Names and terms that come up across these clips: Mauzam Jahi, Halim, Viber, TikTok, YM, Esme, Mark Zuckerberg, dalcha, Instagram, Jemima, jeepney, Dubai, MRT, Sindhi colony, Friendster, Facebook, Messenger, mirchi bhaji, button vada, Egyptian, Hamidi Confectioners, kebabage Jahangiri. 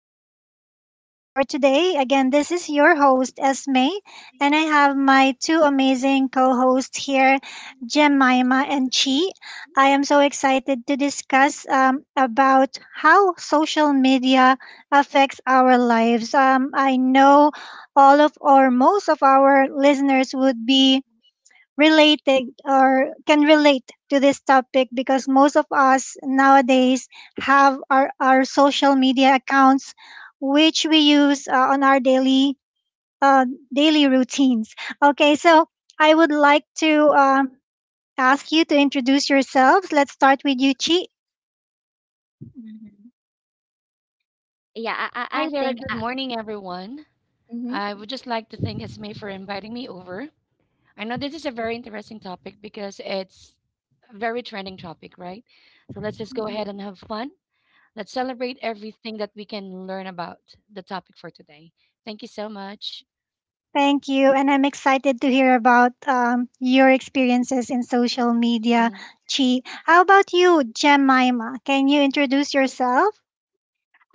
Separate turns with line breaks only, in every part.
podcast session for today. Again, this is your host, Esme, and I have my two amazing co hosts here, Jemima and Chi. I am so excited to discuss about how social media affects our lives. I know all of or most of our listeners would be related or can relate to this topic because most of us nowadays have our social media accounts which we use on our uh, daily routines. Okay, so I would like to ask you to introduce yourselves. Let's start with you, Chi.
Mhm. Yeah,
Hi
I
there.
think
Good
I,
morning, everyone.
mhm.
I would just like to thank Esme for inviting me over. I know this is a very interesting topic because it's a very trending topic, right? So let's just go
Mhm.
ahead and have fun. Let's celebrate everything that we can learn about the topic for today. Thank you so much.
Thank you, and I'm excited to hear about your experiences in social media,
Mhm.
Chi. How about you, Jemima? Can you introduce yourself?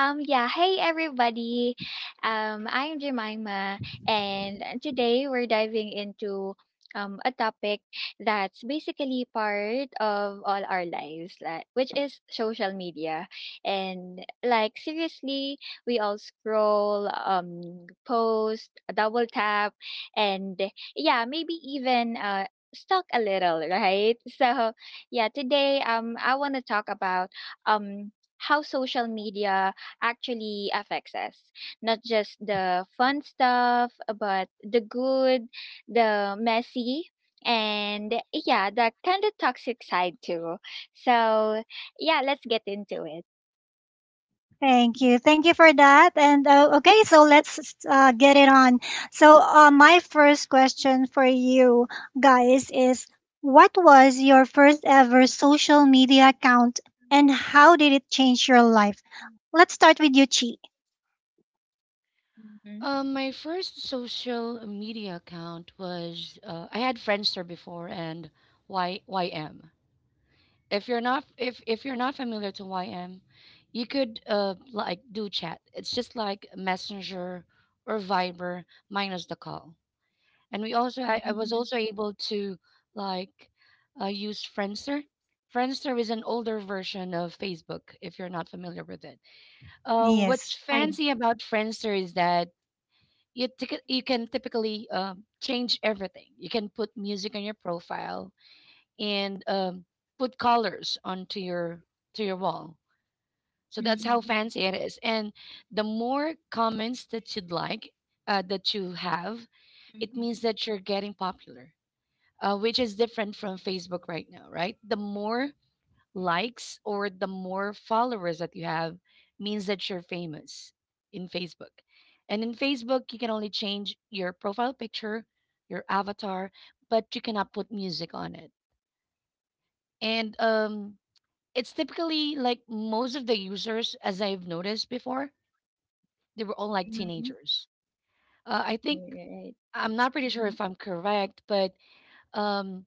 Yeah, hey everybody. I'm Jemima, and today we're diving into a topic that's basically part of all our lives, which is social media. And seriously, we all scroll, post, double tap, and yeah, maybe even stalk a little, right? Yeah, today I want to talk about how social media actually affects us, not just the fun stuff, but the good, the messy, and yeah, the kind of toxic side too. So yeah, let's get into it.
Thank you. Thank you for that. And okay, so let's get it on. So, my first question for you guys is, what was your first ever social media account and how did it change your life? Let's start with you, Chi.
Mhm.
My first social media account was I had Friendster before and Y YM. If you're not familiar to YM, you could like do chat. It's just like Messenger or Viber minus the call. And we also I was
Mhm.
also able to like use Friendster. Friendster is an older version of Facebook if you're not familiar with it.
Yes.
What's fancy about Friendster is that you can typically change everything. You can put music on your profile and put colors onto your to your wall. So that's how
Mhm.
fancy it is. And the more comments that you'd like that you have, it means
Mhm.
that you're getting popular, which is different from Facebook right now, right? The more likes or the more followers that you have means that you're famous in Facebook. And in Facebook, you can only change your profile picture, your avatar, but you cannot put music on it. And It's typically like most of the users, as I've noticed before, they were all like
Mhm.
teenagers. I think
Right.
I'm not pretty sure
Mhm.
if I'm correct, but um,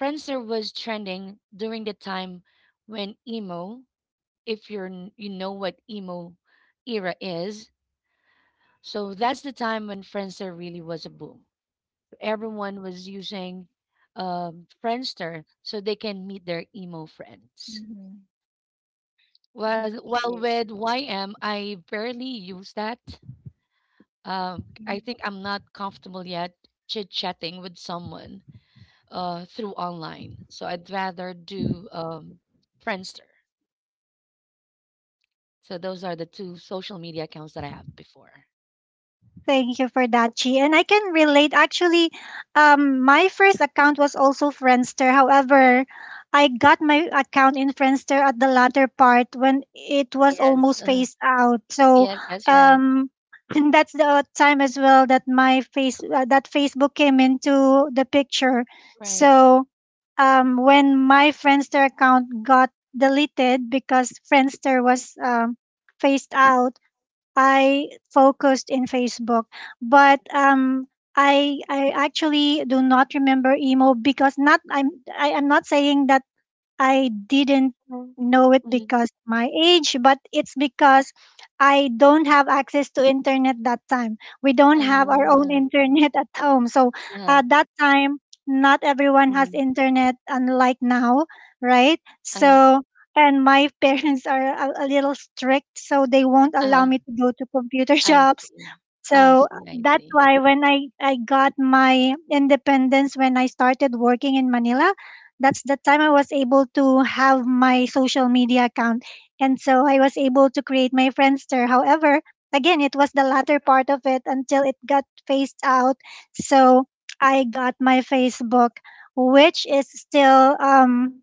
Friendster was trending during the time when emo, if you're n- you know what emo era is. So that's the time when Friendster really was a boom. Everyone was using Friendster so they can meet their emo friends.
Mhm.
Well,
Okay.
with YM, I barely use that. I think I'm not comfortable yet chit chatting with someone through online. So I'd rather do Friendster. So those are the two social media accounts that I have before.
Thank you for that, Chi. And I can relate. Actually, my first account was also Friendster. However, I got my account in Friendster at the latter part when it was
Yes.
almost phased out. So,
Yes, that's right.
um, and that's the time as well that my face that Facebook came into the picture.
Right.
So, when my Friendster account got deleted because Friendster was phased out, I focused in Facebook, but I actually do not remember emo because not I'm I, I'm not saying that I didn't
Mhm.
know it
Mhm.
because of my age, but it's because I don't have access to internet that time. We don't
Ah,
have our own
huh.
internet at home. So
Uh-huh.
at that time, not everyone
Hmm.
has
Mhm.
internet, unlike now, right?
uh
So, and my parents are a little strict, so they won't
uh,
allow me to go to computer
I
shops,
see. I
so
see, I
that's
see.
why when I got my independence when I started working in Manila, that's the time I was able to have my social media account. And so I was able to create my Friendster. However, again, it was the latter part of it until it got phased out. So I got my Facebook, which is still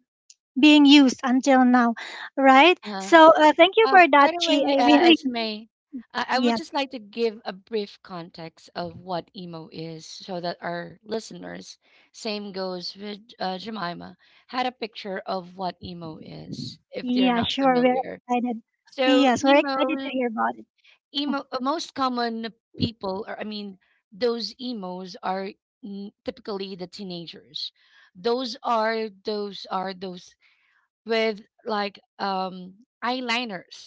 being used until now, right?
Uh-huh.
So, thank you for
By
that,
the
Chi.
way,
I really,
Esme, I would
yeah.
just like to give a brief context of what emo is so that our listeners, same goes with Jemima, had a picture of what emo is if they're
Yeah,
not
sure. We're
familiar.
excited.
So,
Yes, we're excited
emo.
to hear about it.
Emo, most common people, those emos are typically the teenagers. Those with like eyeliners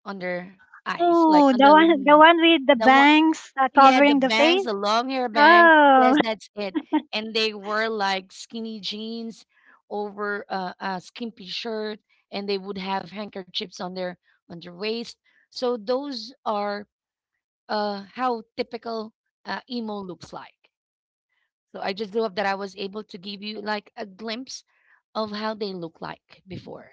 on their eyes, like
Oh,
on the
the
lid.
one with the
The one
bangs
Yeah, the
covering the
bangs,
face.
the long hair bangs.
Oh,
Yes, that's it. And they wore like skinny jeans over a skimpy shirt and they would have handkerchiefs on their waist. So those are how typical emo looks like. So I just hope that I was able to give you like a glimpse of how they look like before.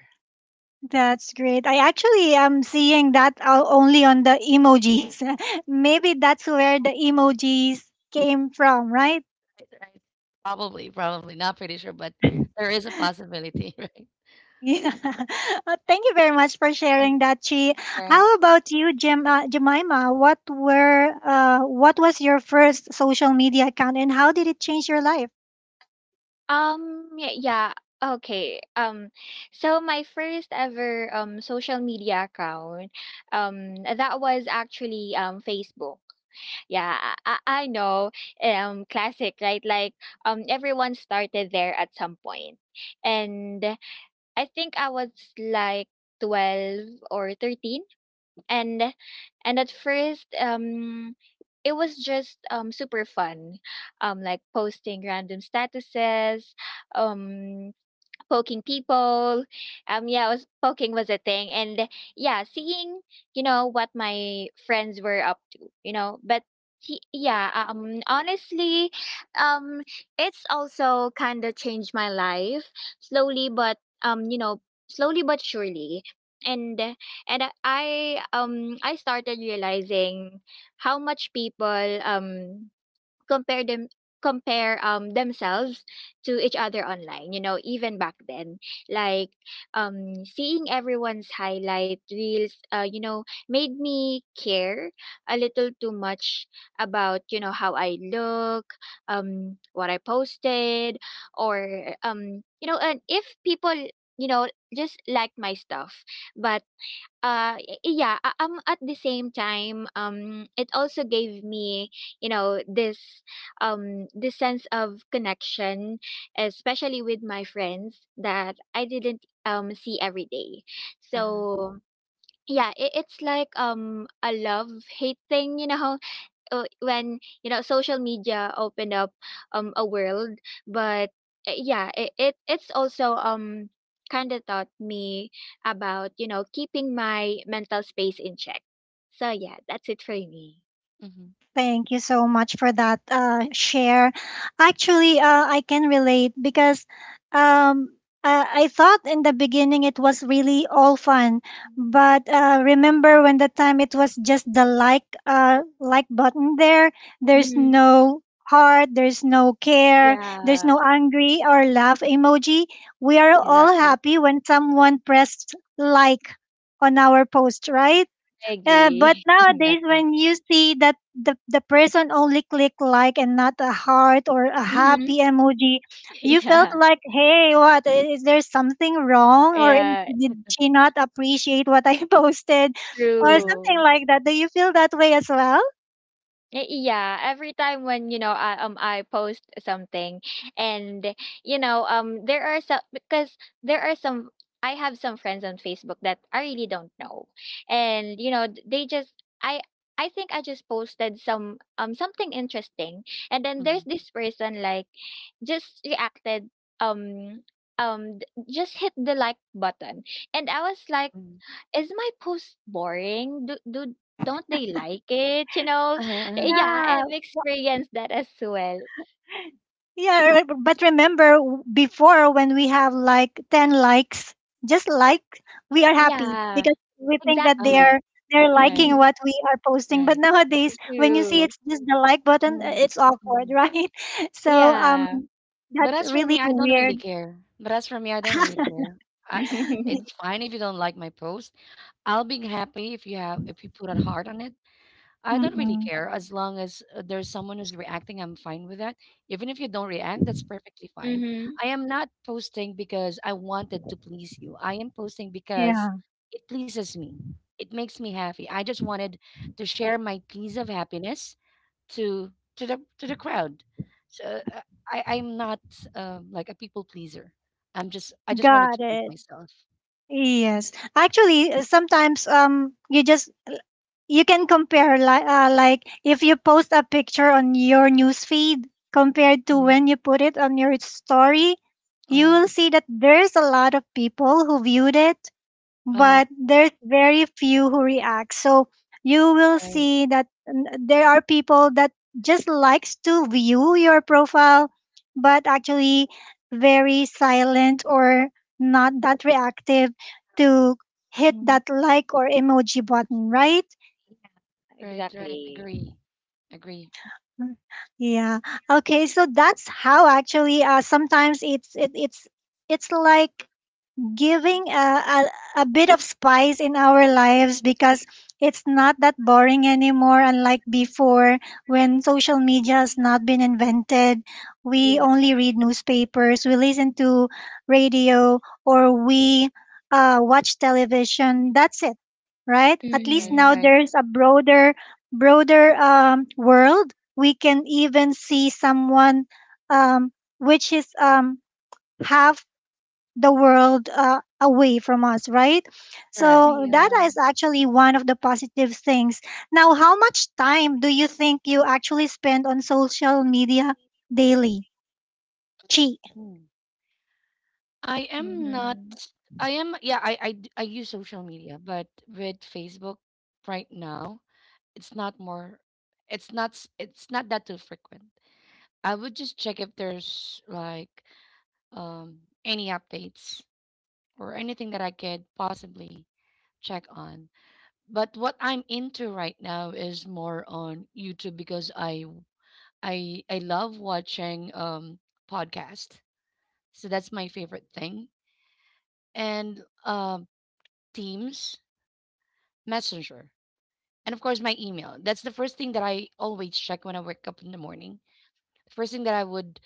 that's great. I actually am seeing that only on the emojis. Maybe that's where the emojis came from, right?
Right, right. Probably, probably not pretty sure, but there is a possibility, right?
Yeah. Thank you very much for
Mm,
sharing that, Chi.
correct.
How about you, Jemima? What was your first social media account, and how did it change your life?
Um, y yeah, okay. So my first ever social media account, that was actually Facebook. Yeah, I know. Classic, right? Like, everyone started there at some point, and I think I was like, 12 or 13, and at first, it was just super fun, like posting random statuses, um poking people. Yeah, I was poking, was a thing, and yeah, seeing you know what my friends were up to, you know. But yeah, honestly, um it's also kind of changed my life slowly, but you know, slowly but surely. And I started realizing how much people compare them compare themselves to each other online, you know, even back then. Like, seeing everyone's highlight reels, you know, made me care a little too much about, you know, how I look, what I posted, or you know, and if people, you know, just like my stuff. But uh y- yeah i um at the same time, it also gave me, you know, this this sense of connection, especially with my friends that I didn't see every day.
Uh-huh.
So yeah, it's like a love hate thing, you know. When you know social media opened up a world, but it's also kind of taught me about, you know, keeping my mental space in check. So yeah, that's it for me.
Mm-hmm.
Thank you so much for that share. Actually, I can relate because um, I thought in the beginning it was really all fun, but remember when the time it was just the like button there. There's
Mm-hmm.
no heart, there's no care, there's
Yeah,
no angry or laugh emoji. We are all
exactly.
happy when someone pressed like on our post, right?
I
But
agree.
nowadays,
Exactly.
when you see that the person only click like and not a heart or a
Mm-hmm.
happy emoji, you felt
Yeah.
like, hey, what is there something wrong, or
Yeah,
did she not appreciate what I posted, or
Uh-huh.
something
true.
like that? Do you feel that way as well?
Yeah, every time when you know I post something, and you know there are some because there are some, I have some friends on Facebook that I really don't know. And they just, I I think I just posted something interesting, and then
Mm-hmm.
there's this person like just reacted, um just hit the like button, and I was like,
Mm-hmm.
is my post boring? Do do Don't they like it, you know?
Uh-huh. Uh-huh.
Yeah,
Yeah.
I've experienced that as well.
Yeah, but remember before when we have like 10 likes, just like we are happy
Yeah,
because we think that they
Uh-huh.
are
exactly.
they're
Right.
liking what we are posting. But
Right.
nowadays, when you see
True.
it's just the like button, it's awkward,
Mm-hmm.
right? So,
Yeah.
that's really weird.
But as for me, I don't really care. I I- it's fine if you don't like my post. I'll be happy if you have if you put a heart on it. I don't really
Mm-mm.
care as long as there's someone who's reacting. I'm fine with that. Even if you don't react, that's perfectly fine.
Mhm.
I am not posting because I wanted to please you. I am posting because
Yeah,
it pleases me. It makes me happy. I just wanted to share my piece of happiness to to the crowd. So I'm not like a people pleaser. I just wanted to
got
please
it.
myself.
Yes. Actually, sometimes you can compare like if you post a picture on your news feed compared to
Mhm.
when you put it on your story, you
Uh-huh.
will see that there's a lot of people who viewed it,
Uh-huh.
but there's very few who react, so you will
Right.
see that there are people that just likes to view your profile but actually very silent or not that reactive to hit
Mm.
that like or emoji button, right?
Yeah,
Right. Right.
exactly.
Agree. Agree.
Mm, yeah. Okay. So that's how actually, sometimes it's it, it's like giving a bit of spice in our lives because it's not that boring anymore, unlike before when social media has not been invented. We
Yeah.
only read newspapers, we listen to radio, or we watch television. That's it, right? At least
Right.
now
Mhm.
Right.
there's a broader, broader world. We can even see someone, um, which is, half the world away from us, right?
Correct.
So that
Correct.
Yeah.
is actually one of the positive things. Now, how much time do you think you actually spend on social media daily? Chi.
Mm. I am not.
Mhm.
I am. Yeah. I use social media, but with Facebook right now, it's not more. It's not that too frequent. I would just check if there's like any updates or anything that I could possibly check on. But what I'm into right now is more on YouTube because I love watching podcasts. So that's my favorite thing. And Teams, Messenger, and of course my email. That's the first thing that I always check when I wake up in the morning. The first thing that I would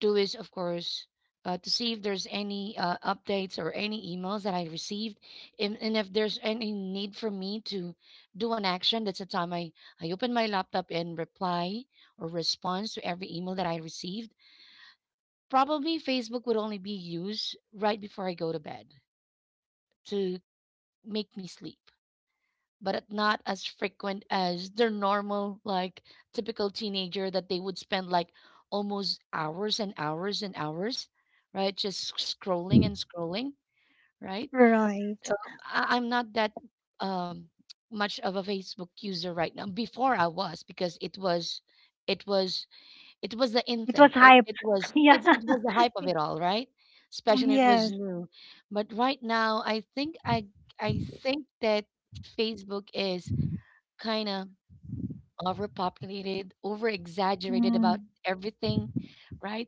do is, of course, to see if there's any updates or any emails that I received, and if there's any need for me to do an action. That's the time I open my laptop and reply or response to every email that I received. Probably Facebook would only be used right before I go to bed to make me sleep, but at not as frequent as their normal, like typical teenager that they would spend like almost hours and hours and hours, right? Just scrolling and scrolling, right? So
Right.
I'm not that um, much of a Facebook user right now. Before I was because it was, it was the in
It was
thing.
hype. Yeah.
It was the hype of it all, right? Especially it was
Yes.
new, but right now I think that Facebook is kind of overpopulated, over exaggerated
Mm.
about everything, right?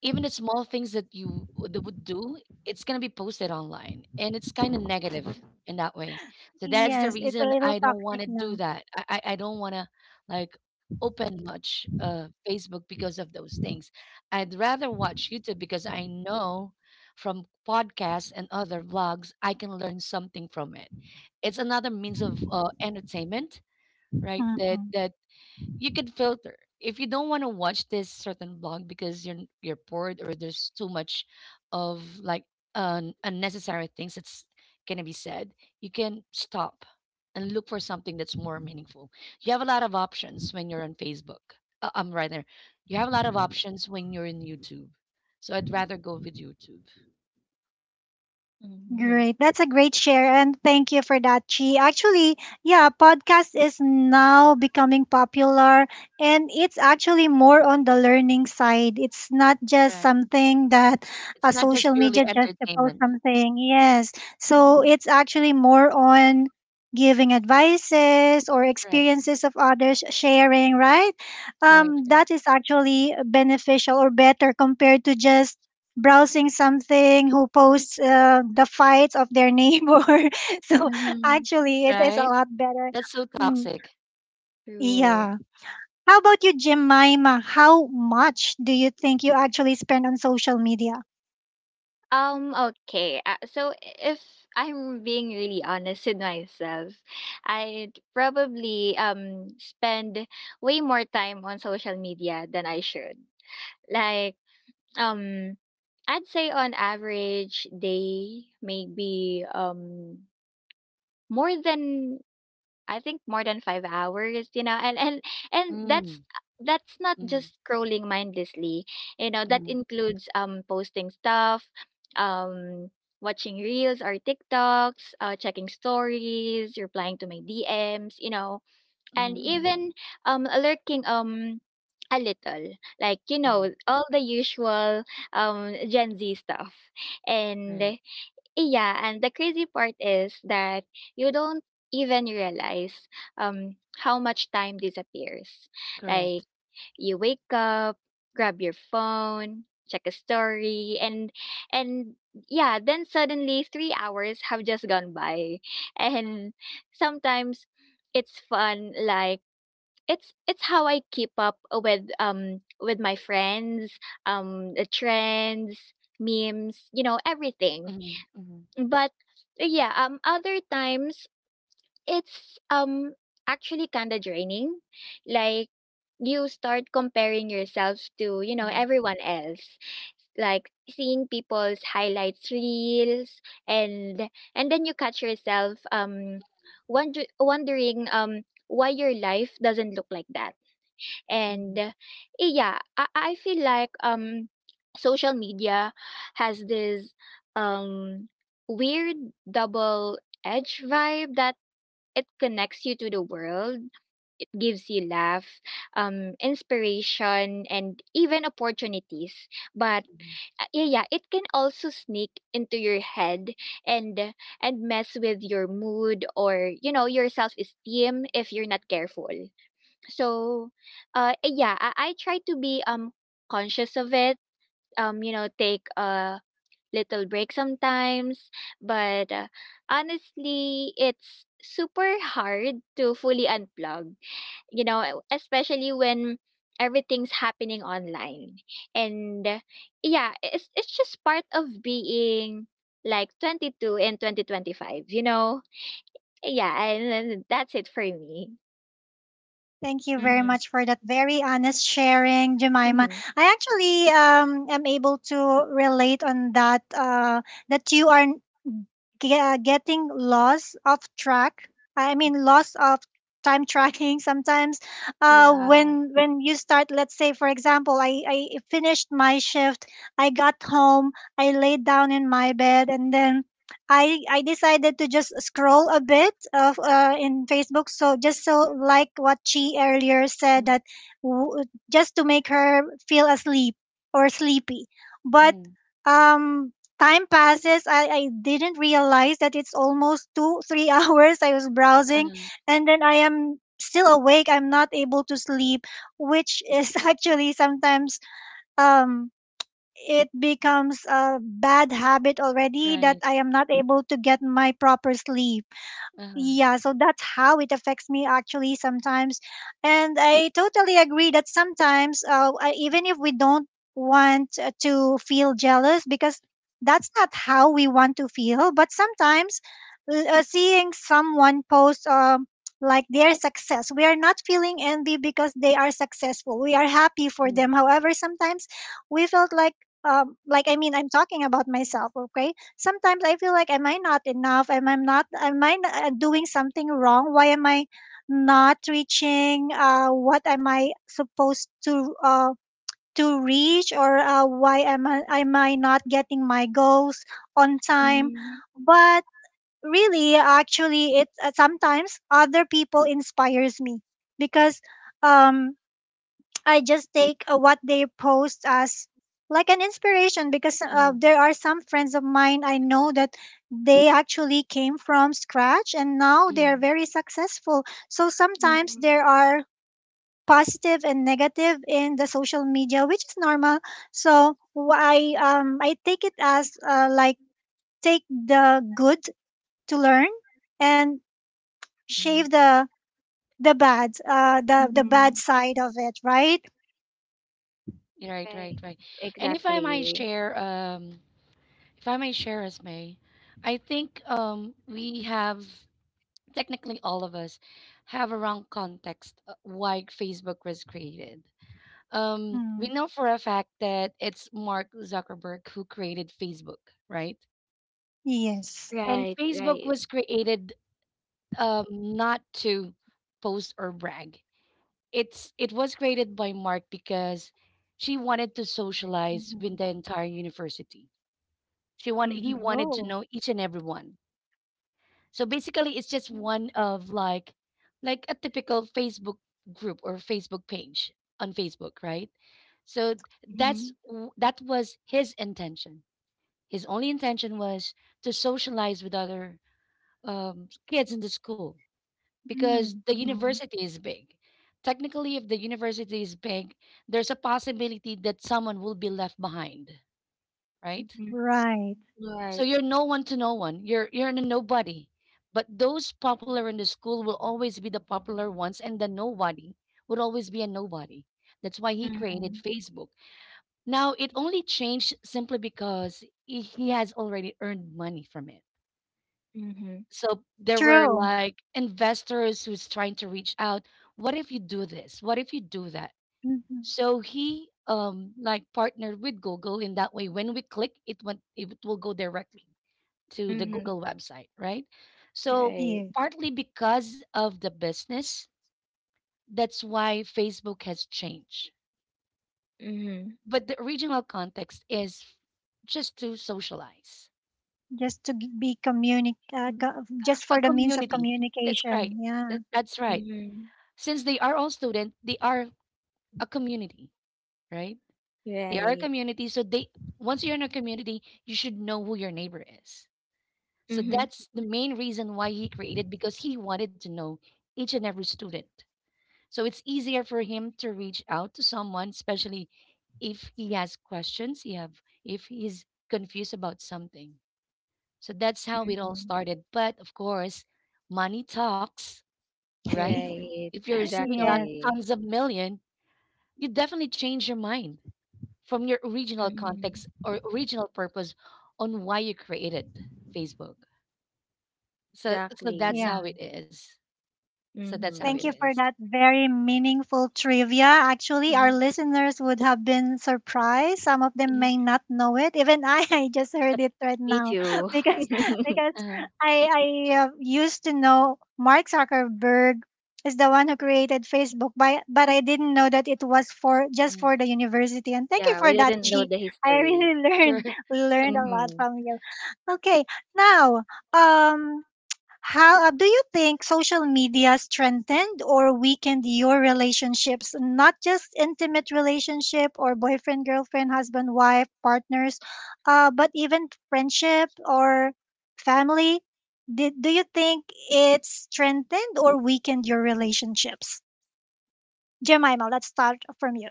Even the small things that you that would do, it's going to be posted online and it's kind of negative in that way. So that's the
Yes. It's a
reason I
little
don't want
toxic
to do
now.
that. I don't want to like open much Facebook because of those things. I'd rather watch YouTube because I know from podcasts and other vlogs, I can learn something from it. It's another means of entertainment,
Mm.
right? That you can filter. If you don't want to watch this certain blog because you're bored or there's too much of like un unnecessary things that's gonna be said, you can stop and look for something that's more meaningful. You have a lot of options when you're on Facebook. I'm right there. You have a lot of options when you're in YouTube. So I'd rather go with YouTube.
Mhm.
Great. That's a great share. And thank you for that, Chi. Actually, yeah, podcast is now becoming popular and it's actually more on the learning side. It's not just
Correct.
something that
It's
a
not just
social
purely
media just to post
entertainment.
something. Yes. So
Mhm.
it's actually more on giving advices or
Right.
experiences of others sharing, right?
Right. Right.
That is actually beneficial or better compared to just browsing something who posts the fights of their neighbor. So
Mhm.
actually, it is a
Right.
lot better.
That's so
Mm,
toxic.
True.
yeah. How about you, Jemima? How much do you think you actually spend on social media?
Okay. So if I'm being really honest with myself, I'd probably spend way more time on social media than I should. Like, um I'd say on average day, maybe more than I think more than 5 hours, you know. And
Mm,
that's not
mm.
just scrolling mindlessly. You know, that
Mhm,
includes posting stuff, um watching reels or TikToks, checking stories, replying to my DMs, you know,
mhm,
and
mhm,
even lurking a little, like, you
mhm.
know, all the usual gen z stuff. And
Right.
yeah, and the crazy part is that you don't even realize how much time disappears.
Correct.
Like, you wake up, grab your phone, check a story, and yeah, then suddenly 3 hours have just gone by. And sometimes it's fun, like it's how I keep up with my friends, the trends, memes, you know, everything.
Mhm, mhm,
But yeah, other times it's actually kind of draining. Like, you start comparing yourself to, you know,
mhm,
everyone else. Like seeing people's highlights reels, and and then you catch yourself wondering why your life doesn't look like that. and
mhm,
uh, eh, yeah, I feel like social media has this um weird double edge vibe, that it connects you to the world. It gives you laugh, inspiration, and even opportunities. But
mhm,
uh, yeah, yeah, it can also sneak into your head, and uh, and mess with your mood, or you know, your self esteem, if you're not careful. So yeah, I try to be conscious of it, you know, take a little break sometimes. But Honestly, it's super hard to fully unplug, especially when everything's happening online. And Yeah, it's just part of being like 22 in 2025, you know. And that's it for me.
Thank you very
Hmm.
much for that very honest sharing, Jemima. I actually am able to relate on that. That you are getting lost of track, I mean lost of time tracking sometimes,
Yeah.
when you start, let's say for example, I finished my shift, I got home, I laid down in my bed, and then I decided to just scroll a bit of in Facebook, so just so like what she earlier said,
mhm,
that w- just to make her feel asleep or sleepy. But
mhm.
um time passes. I didn't realize that it's almost two, three hours I was browsing,
Uh-huh.
and then I am still awake. I'm not able to sleep, which is actually sometimes um it becomes a bad habit already that
Right.
I am not able to get my proper sleep.
Uh-huh.
Yeah, so that's how it affects me actually sometimes. And I totally agree that sometimes, even if we don't want to feel jealous, because that's not how we want to feel, but sometimes, seeing someone post, like their success, we are not feeling envy because they are successful. We are happy for them.
Mhm,
However, sometimes we felt like I mean, I'm talking about myself, okay? Sometimes I feel like, am I not enough? Am I not? Am I doing something wrong? Why am I not reaching? What am I supposed to reach? Or, why am I not getting my goals on time?
Mm,
But really, actually, it sometimes other people inspires me because um I just take what they post as like an inspiration because,
mhm,
there are some friends of mine I know that they actually came from scratch and now they're
mhm,
very successful. So sometimes
mhm,
there are positive and negative in the social media, which is normal. So I take it as, like take the good to learn and shave
mhm.
the bad
mhm.
side of it, right?
Right, right,
Right.
right. And if I might
Exactly.
share, if I might share, Esme, I think we have technically all of us have a wrong context why Facebook was created. We
Mm.
know for a fact that it's Mark Zuckerberg who created Facebook, right?
Yes.
And
Right,
Facebook
right.
was created not to post or brag. It was created by Mark because she wanted to socialize with
Mhm,
the entire university. She wanted He
mhm,
wanted to
Oh,
know each and everyone. So basically, it's just one of like a typical Facebook group or Facebook page on Facebook, right? So
mhm,
that was his intention. His only intention was to socialize with other kids in the school because
mm,
the
mhm,
university is big. Technically, if the university is big, there's a possibility that someone will be left behind, right?
mhm.
right.
So
Right.
you're no one to no one. You're a nobody. But those popular in the school will always be the popular ones, and the nobody would always be a nobody. That's why he
Mhm,
created Facebook. Now it only changed simply because he has already earned money from it.
mhm,
So there were
True.
like investors who's trying to reach out. What if you do this? What if you do that?
Hmm.
So he like partnered with Google in that way. When we click, it will go directly to the
mhm.
Google website, right? So
Right.
Yeah.
partly because of the business, that's why Facebook has changed.
Mhm,
But the original context is just to socialize.
Just to g- be communic,
Mm,
co- just
a
for the means of
community. That's right.
communication. Yeah.
That's right.
mhm.
Since they are all student, they are a community, right? They are a
Right.
community, so they once you're in a community, you should know who your neighbor is. So
Mhm,
that's the main reason why he created, because he wanted to know each and every student. So it's easier for him to reach out to someone, especially if he has questions, he have if he's confused about something. So that's how it all
mhm.
started. But of course, money talks, right?
Right.
If you're receiving a lot,
Yes.
Exactly.
tons of million, you definitely change your mind from your original
Mhm.
context or original purpose on why you created Facebook. So that's how
Exactly.
it
Yeah.
is. So that's how it
Thank you
Mm-hmm.
is.
for that very meaningful trivia. Actually, our
Mhm,
listeners would have been surprised. Some of them
mhm,
may not know it. Even I, I just heard it right
Me
now
too.
because because
uh-huh,
I used to know Mark Zuckerberg is the one who created Facebook, but I didn't know that it was for just
mhm,
for the university. And thank you
Yeah, we
for that,
didn't know
Chi.
mhm.
the
I really
history.
learned
Sure.
learned a lot
Mm-hmm.
from you. Okay, now, um how do you think social media strengthened or weakened your relationships, not just intimate relationship or boyfriend, girlfriend, husband, wife, partners, but even friendship or family? Do you think it strengthened or weakened your relationships? Jemima, let's start from you.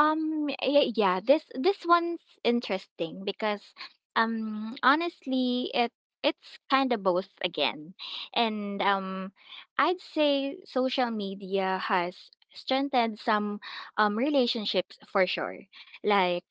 Yeah, this one's interesting because honestly, it's kind of both again. And I'd say social media has strengthened some relationships for sure. Like,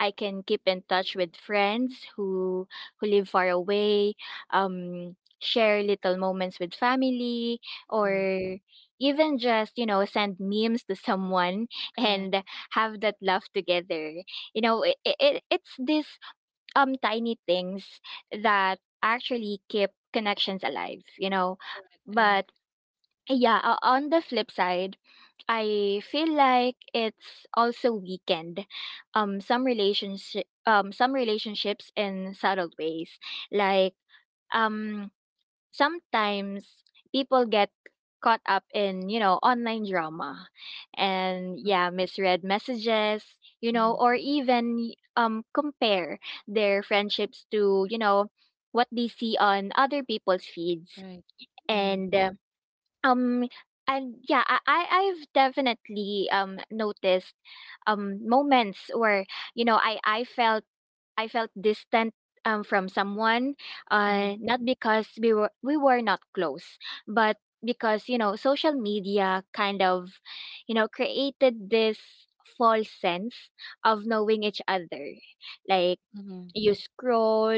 I can keep in touch with friends who live far away, share little moments with family,
Right.
or even just, you know, send memes to someone
Correct.
and have that laugh together. You know, it's these tiny things that actually keep connections alive, you know.
Correct.
But yeah, on the flip side, I feel like it's also weakened some relationships in subtle ways. Like um sometimes people get caught up in, you know, online drama, and yeah, misread messages, you know,
Mm-hmm.
or even compare their friendships to, you know, what they see on other people's feeds.
Right. Mm-hmm.
And uh, um, and yeah, I've definitely noticed moments where, you know, I felt, I felt distant from someone,
Mm-hmm.
not because we were not close, but because, you know, social media kind of, you know, created this false sense of knowing each other. Like,
Mm-hmm.
you scroll,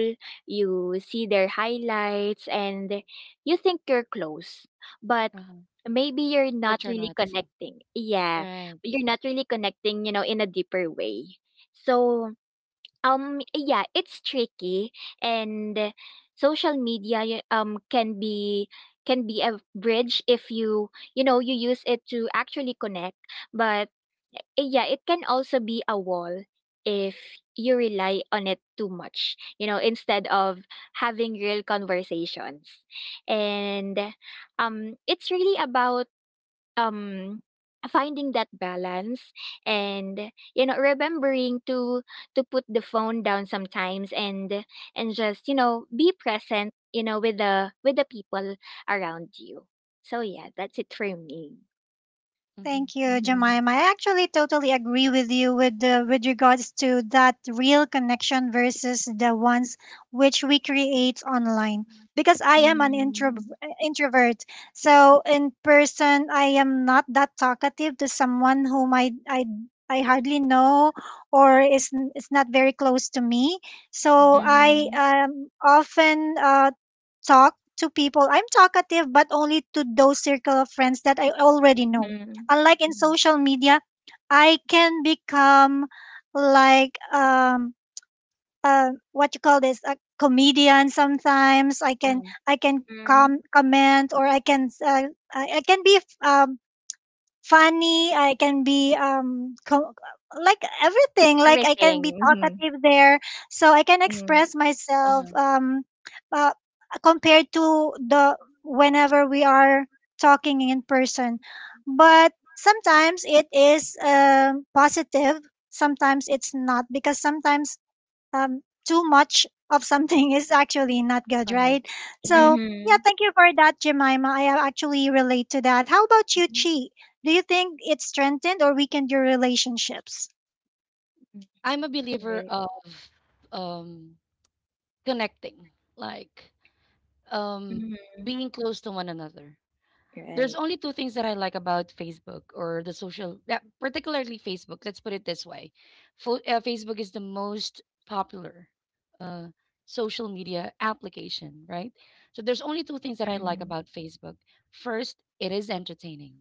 you see their highlights, and you think you're close, but
Uh-huh.
maybe you're
But
not
you're
really
not.
connecting. Yeah,
Right.
you're not really connecting, you know, in a deeper way. So, yeah, it's tricky. And Social media, can be, can be a bridge if you, you know, you use it to actually connect. But yeah, it can also be a wall if you rely on it too much, you know, instead of having real conversations. And it's really about um finding that balance, and you know, remembering to put the phone down sometimes, and just, you know, be present, you know, with the people around you. So yeah, that's it for me.
Mm-hmm.
Thank you,
Mm-hmm.
Mm-hmm.
Jemima. I actually totally agree with you with regards to that real connection versus the ones which we create online. Because I am an
Mm-hmm.
introvert, so in person I am not that talkative to someone whom I hardly know or is not very close to me.
Mm-hmm.
So I
Mm-hmm.
often talk to people. I'm talkative, but only to those circle of friends that I already know,
Mm-hmm.
unlike in
Mm-hmm.
social media. I can become like um what you call this, a comedian. Sometimes i can
Uh-huh.
i can
Mm-hmm.
com- comment or I can be funny. I can be like everything. Like I can be
Everything, mm-hmm.
talkative there, so I can
Mm-hmm.
express myself.
Uh-huh.
Uh, Compared to the whenever we are talking in person. But sometimes it is positive. Sometimes it's not, because sometimes um, too much of something is actually not good,
Uh-huh.
right?
Mm-hmm.
So, yeah,
Mm-hmm.
thank you for that, Jemima. I actually relate to that. How about you, Chi? Do you think it strengthened or weakened your relationships?
I'm a
Mm-hmm.
believer
Right.
of um connecting, like um,
Mm-hmm.
being close to one another.
Right.
There's only two things that I like about Facebook or the social, yeah, particularly Facebook. Let's put it this way: Facebook is the most popular uh, social media application, right? So there's only two things that I like
Mm-hmm.
about Facebook. First, it is entertaining.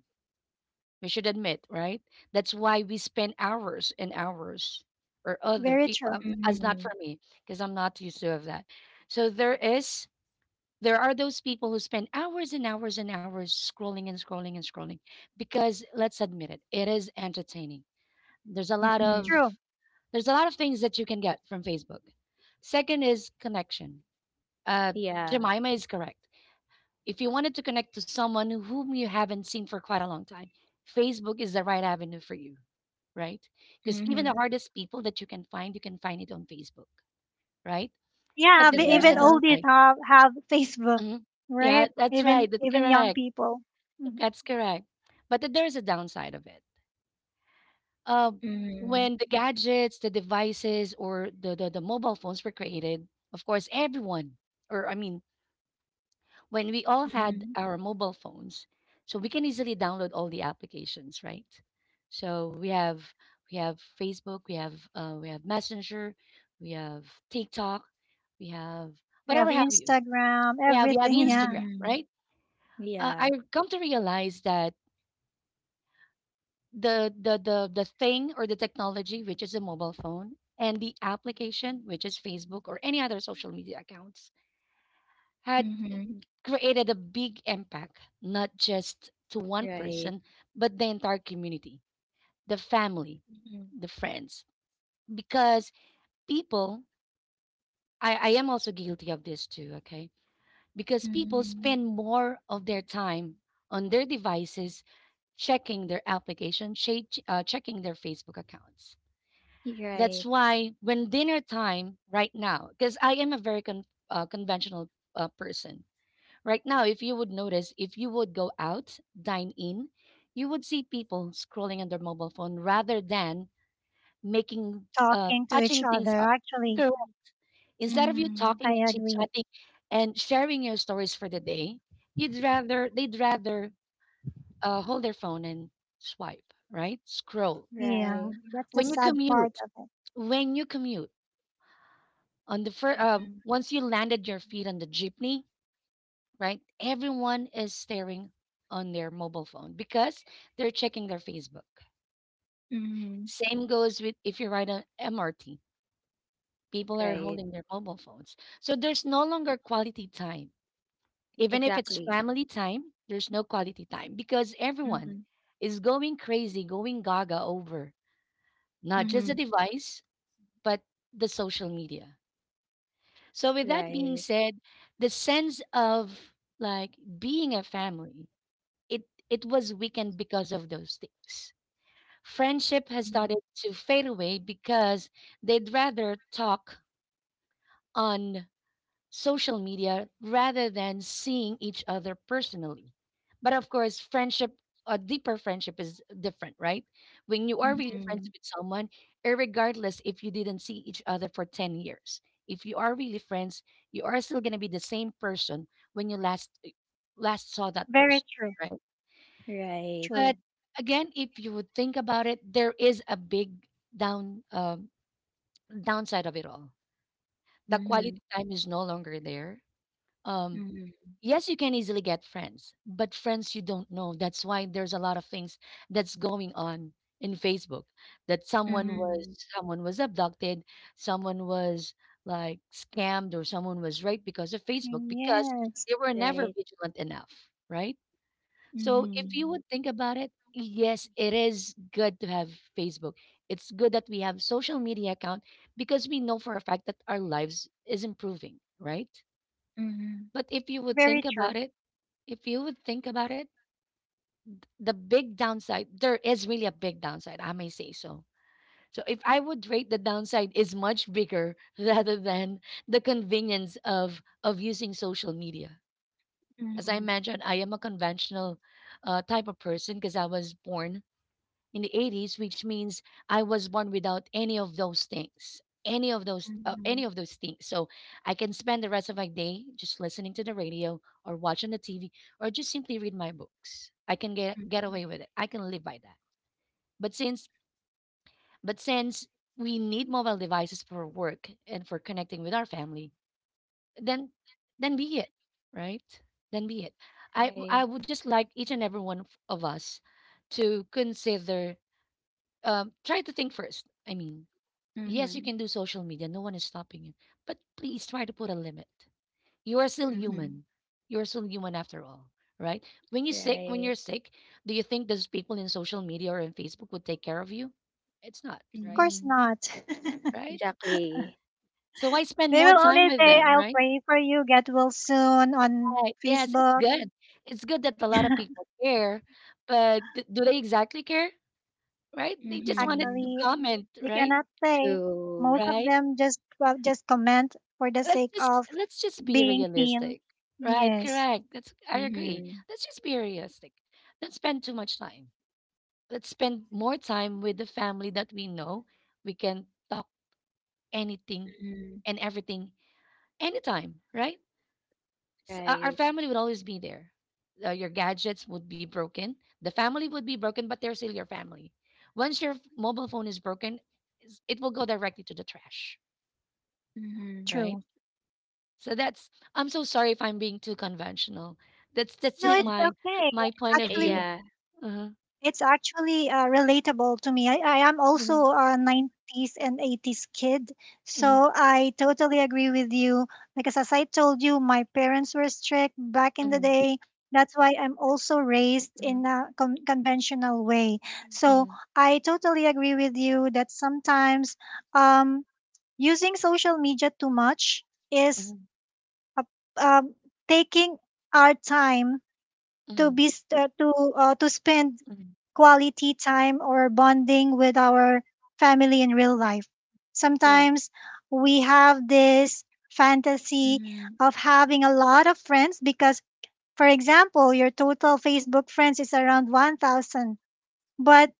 We should admit, right? That's why we spend hours and hours, or other
Very
people.
true.
As not
Mm-hmm.
for me, because I'm not used to of that. So there are those people who spend hours and hours and hours scrolling and scrolling and scrolling because let's admit it, it is entertaining. There's a lot
Mm-hmm.
of
True.
there's a lot of things that you can get from Facebook. Second is connection. Uh,
Yeah.
Jemima is correct. If you wanted to connect to someone whom you haven't seen for quite a long time, Facebook is the right avenue for you, right? Because even the
Mm-hmm.
hardest people that you can find it on Facebook, right?
Yeah,
But
but
there's
even
a
Yeah.
oldies
downside.
have Facebook,
Mhm. Yeah,
right?
that's
Even
right. That's
even young
correct.
people. Mhm.
That's correct. But there's a downside of it. Uh,
Mhm.
when the gadgets, the devices, or the mobile phones were created, of course, everyone, or I mean, when we all had
Mhm.
our mobile phones, so we can easily download all the applications, right? So we have Facebook, we have Messenger, we have TikTok, we have
We have
whatever have you.
Instagram,
Yeah, we have
everything, yeah,
Instagram,
Mhm.
right?
Yeah.
I've come to realize that the thing or the technology which is a mobile phone and the application which is Facebook or any other social media accounts had
Mhm.
created a big impact not just to one
Right.
person but the entire community, the family,
Mhm.
the friends, because people, I am also guilty of this too, okay, because people
Mhm.
spend more of their time on their devices, checking their application, checking their Facebook accounts. That's
Right.
why when dinner time right now, because I am a very conventional person. Right now, if you would notice, if you would go out, dine in, you would see people scrolling on their mobile phone rather than making,
talking to each
patching
other.
things up.
Actually,
Correct. Instead of you
Mhm.
I
talking and chit
agree.
chatting and sharing your stories for the day, they'd rather hold their phone and swipe, right? Scroll.
Yeah,
Right.
that's the
When you
sad part
commute,
of it.
when you commute, on the first,
Mhm.
once you landed your feet on the jeepney, right? Everyone is staring on their mobile phone because they're checking their Facebook.
Mhm.
Same goes with if you ride on MRT. People are
Right.
holding their mobile phones. So there's no longer quality time. Even if it's
Exactly.
family time, there's no quality time because everyone
Mhm.
is going crazy, going gaga over not just
Mhm.
the device, but the social media. So with that being
Right.
said, the sense of like being a family, it it was weakened because of those things. Friendship has
Mhm.
started to fade away because they'd rather talk on social media rather than seeing each other personally. But of course, friendship, a deeper friendship is different, right? When you are really
Mhm.
friends with someone, regardless if you didn't see each other for 10 years, if you are really friends, you are still going to be the same person when you last last saw that
Very
person,
true.
right?
Right.
But
True.
again, if you would think about it, there is a big down um, downside of it all. The quality
Mhm.
time is no longer there. Um,
Mhm.
yes, you can easily get friends, but friends you don't know. That's why there's a lot of things that's going on in Facebook. That
Mhm.
someone was abducted, someone was like scammed, or someone was raped because of Facebook because
Yes,
they were never
Right.
vigilant enough, right? So if you
Mhm.
would think about it, yes, it is good to have Facebook. It's good that we have social media account because we know for a fact that our lives is improving, right?
Mhm.
But if you would
very
think
true.
about
Of
it if you would think about it, the big downside, there is really a big downside, I may say so. So if I would rate the downside is much bigger rather than the convenience of using social media. As I
Mhm.
mentioned, I am a conventional type of person because I was born in the 80s, which means I was born without any of those things,
Mhm.
any of those things. So I can spend the rest of my day just listening to the radio or watching the TV or just simply read my books. I can get
Mhm.
away with it. I can live by that. But since, but since we need mobile devices for work and for connecting with our family, then, then be it, right? Then be it. I
Right.
I would just like each and every one of us to consider try to think first. I mean, yes, you
Mhm.
can do social media. No one is stopping you. But please try to put a limit. You are still
Mhm.
human. You are still human after all, right? When
Right.
you're sick, do you think those people in social media or in Facebook would take care of you? It's not, right?
course
Mhm.
not.
Right?
Exactly.
So why spend
They
more
will
time
only
with
say,
them,
I'll
right?
pray for you, get well soon on
Right. Yes, it's
Facebook.
good. It's good that a lot of people care, but do they exactly care? Right? They just wanted to
Mhm.
Actually,
comment,
you
right?
cannot say.
True.
Most of
Right?
them just well, just comment for the
let's
sake
just
of
let's just be
being seen.
realistic, right?
Yes,
Correct. That's, I agree,
Mhm.
let's just be realistic, don't spend too much time, let's spend more time with the family that we know, we can talk anything
Mhm.
and everything anytime, right? Our
Right.
family would always be there. Your gadgets would be broken, the family would be broken, but they're still your family. Once your mobile phone is broken, it will go directly to the trash,
Mhm.
right?
true.
So that's, I'm so sorry if I'm being too conventional. That's
No,
just
it's
my
okay.
my point of
Actually,
view.
Yeah.
Uh-huh.
it's actually relatable to me. I am
Mhm,
also a 90s and 80s kid,
mhm,
so I totally agree with you. Because as I told you, my parents were strict back in the
mhm,
day. That's why I'm also raised
mhm,
in a conventional way. So
mhm,
I totally agree with you that sometimes um, using social media too much is
mhm,
a, um, taking our time to
mhm,
be st- to spend
mhm.
quality time or bonding with our family in real life.
Correct.
Sometimes we have this fantasy
Mhm.
of having a lot of friends because, for example, your total Facebook friends is around 1,000. But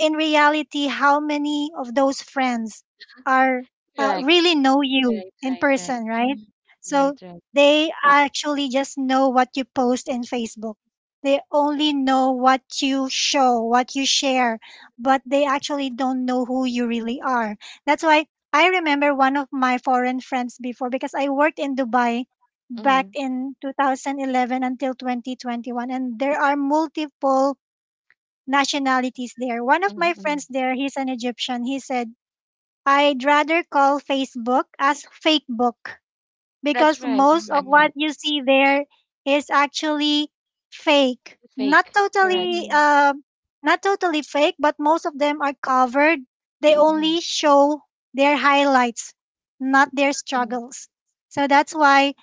in reality, how many of those friends are
Correct.
really know you
Right.
in
Right. Right.
person, right?
Mhm.
So
Right. Right.
they actually just know what you post in Facebook. They only know what you show, what you share, but they actually don't know who you really are. That's why I remember one of my foreign friends before, because I worked in Dubai back
Mhm,
in 2011 until 2021, and there are multiple nationalities there. One of
mhm,
my friends
mhm.
there, he's an Egyptian. He said, I'd rather call Facebook as fake book because
That's right.
most of
Mhm.
what
Agree.
you see there is actually fake. Not
Fake. Correct.
totally,
Mhm.
uh, not totally fake, but most of them are covered. They
Mhm,
only show their highlights, not their
mhm,
struggles. So that's why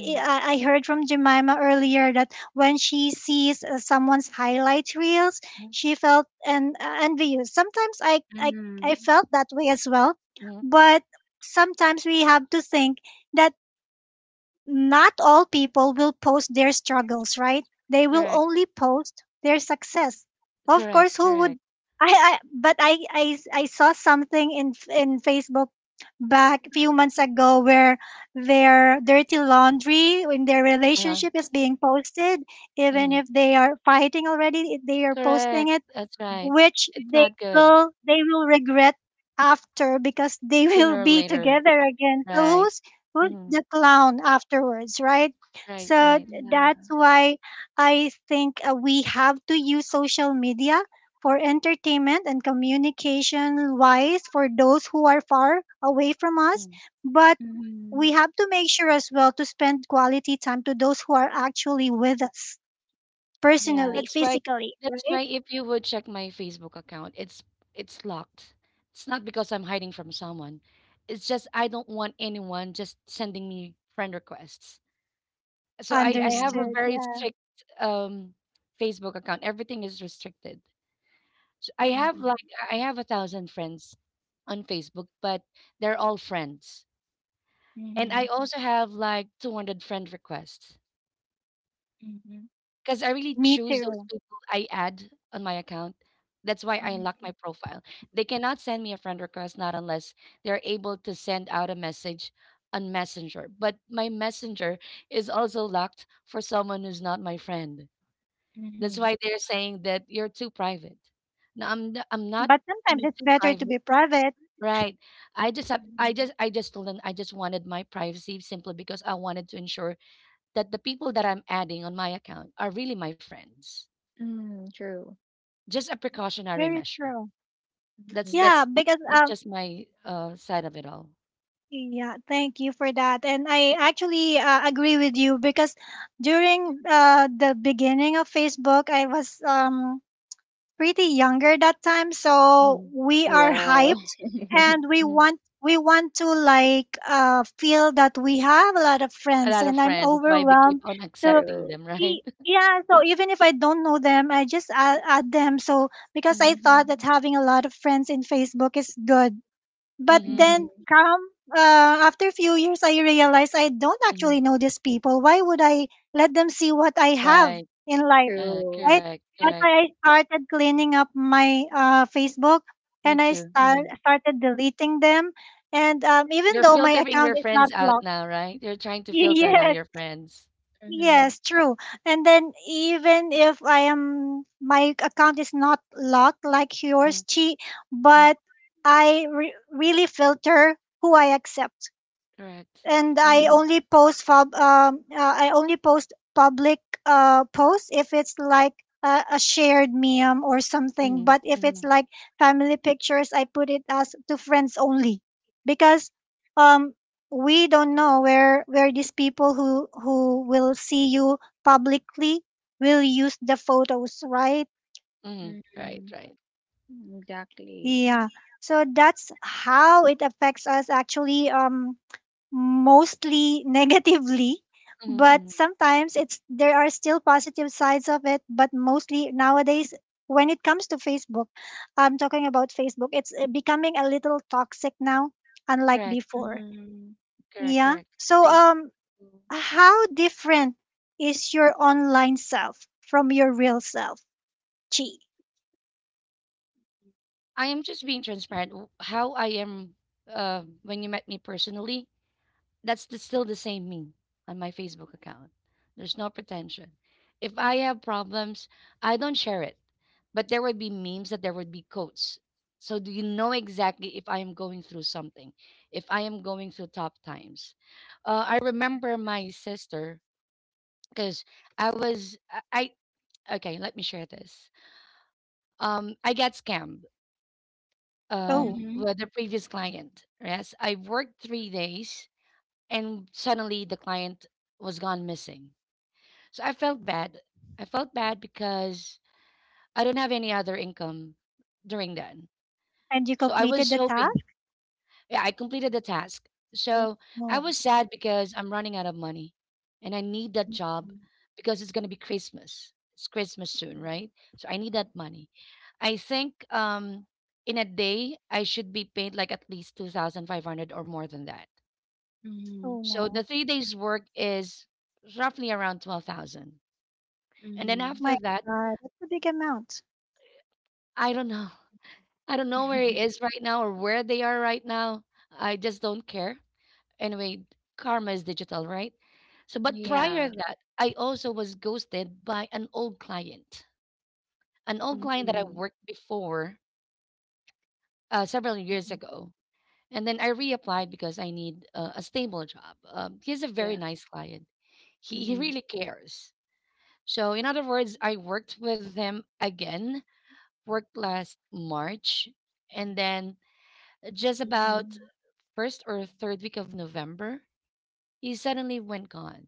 I heard from Jemima earlier that when she sees someone's highlight reels,
mhm,
she felt envious. Sometimes I
Mhm.
felt that way as well,
mhm.
but sometimes we have to think that not all people will post their struggles, right? They will
Correct.
only post their success. Of
Correct.
course, who would
Correct.
I but I saw something in Facebook back a few months ago where their dirty laundry in their
Uh-huh.
relationship is being posted even
Mhm.
if they are fighting already, if they are posting
Correct.
it,
That's right.
which
It's not good.
they will regret after, because they will
Sooner or
be
later.
together again. So
Right.
who's
Mhm.
the clown afterwards, right?
Right.
So
Right.
Yeah.
that's why I think we have to use social media for entertainment and communication wise for those who are far away from us,
Mm.
but we
Mhm.
have to make sure as well to spend quality time to those who are actually with us
Yeah.
personally,
That's why
physically,
that's why
right?
if you would check my Facebook account, it's locked. It's not because I'm hiding from someone. It's just I don't want anyone just sending me friend requests. So I have a
Mhm.
Understood.
very
Yeah.
strict um Facebook account. Everything is restricted. So I have
Mhm.
like I have a thousand friends on Facebook, but they're all friends. And I
Mhm.
also have like 200 friend requests,
Mhm.
because I really
Me
choose those
too.
people I add on my account. That's why I unlock
Mhm.
my profile. They cannot send me a friend request, not unless they're able to send out a message on Messenger. But my Messenger is also locked for someone who's not my friend. That's
Mhm.
why they're saying that you're too private. I'm not
But sometimes
being
it's
too
better to
private,
be private.
right?
Mhm.
I just told them I just wanted my privacy simply because I wanted to ensure that the people that I'm adding on my account are really my friends.
Mm, true.
Just a precautionary
Very
measure.
true.
That's
Mhm.
Yeah,
that's
because
that's just my side of it all.
yeah, thank you for that. And I actually agree with you because during the beginning of Facebook, I was pretty younger that time, so
Mhm,
we are
Wow.
hyped and
mhm.
we want to like feel that we have a lot of
A
friends
lot of
and I'm
friends. That's why we keep
overwhelmed
on
to
accepting
True.
them, right?
Y- yeah, so even if I don't know them, I just add them. So because
hmm
I thought
Mhm.
that having a lot of friends in Facebook is good, but
Mhm.
hmm
then come after a few years, I realized I don't
hmm
actually know these people. Why would I let them see what I have
Right.
in life,
True.
right?
Correct.
That's
Correct.
why I started cleaning up my Facebook,
Me
and I
too. Hmm.
started deleting them. And even
You're
though my
filtering
account
your
is not
friends out
blocked,
now, right? You're trying to filter now
yes.
your friends.
Mhm.
Yes, true. And then even if I am my account is not locked like
Mm-hmm.
yours, Chi, but I really filter who I accept,
Correct.
and I
Mhm.
only post I only post public posts if it's like a shared meme or something.
Mm-hmm.
But if it's
Mm-hmm.
like family pictures, I put it as to friends only, because um, we don't know where these people who will see you publicly will use the photos, right?
Mm-hmm. Right.
Mhm.
Right.
Exactly.
Yeah. So that's how it affects us actually. Mostly negatively, but
Mm-hmm.
sometimes it's there are still positive sides of it, but mostly nowadays when it comes to Facebook, I'm talking about Facebook, it's becoming a little toxic now, unlike
Correct.
before.
Mhm.
Correct.
Yeah,
Correct.
so
Agree.
True.
how different is your online self from your real self, Chi?
I am just being transparent. How I am when you met me personally, that's the, still the same me on my Facebook account. There's no pretension. If I have problems, I don't share it. But there would be memes, that there would be quotes. So do you know exactly if I am going through something, if I am going through tough times? I remember my sister because I was I I- okay. Let me share this. I got scammed
Oh,
Mhm.
with the previous client. Yes, I worked 3 days and suddenly the client was gone missing. So I felt bad. I felt bad because I don't have any other income during then.
and you
So I
completed
was
the
hoping,
task.
yeah, I completed the task.
Oh
So I
no.
was sad because I'm running out of money and I need that job
Mhm.
because it's going to be Christmas. It's Christmas soon, right? So I need that money. I think in a day, I should be paid like at least 2,500 or more than that.
Mhm.
Oh
So the
no.
3 days' work is roughly around 12,000. And then
Mhm.
My
after that,
god, that's a big amount.
I don't know. I don't know where he is right now or where they are right now. I just don't care. Anyway, karma is digital, right? So, but prior
Yeah.
to that, I also was ghosted by an old client that I
Mhm.
worked before several years
Mhm.
ago. And then I reapplied
Mhm.
because I need a stable job. He's a very
Yeah.
nice client. He
Mhm.
really cares. So, in other words, I worked with him again, worked last March. And then just about
Mhm.
first or third week of November, he suddenly went gone.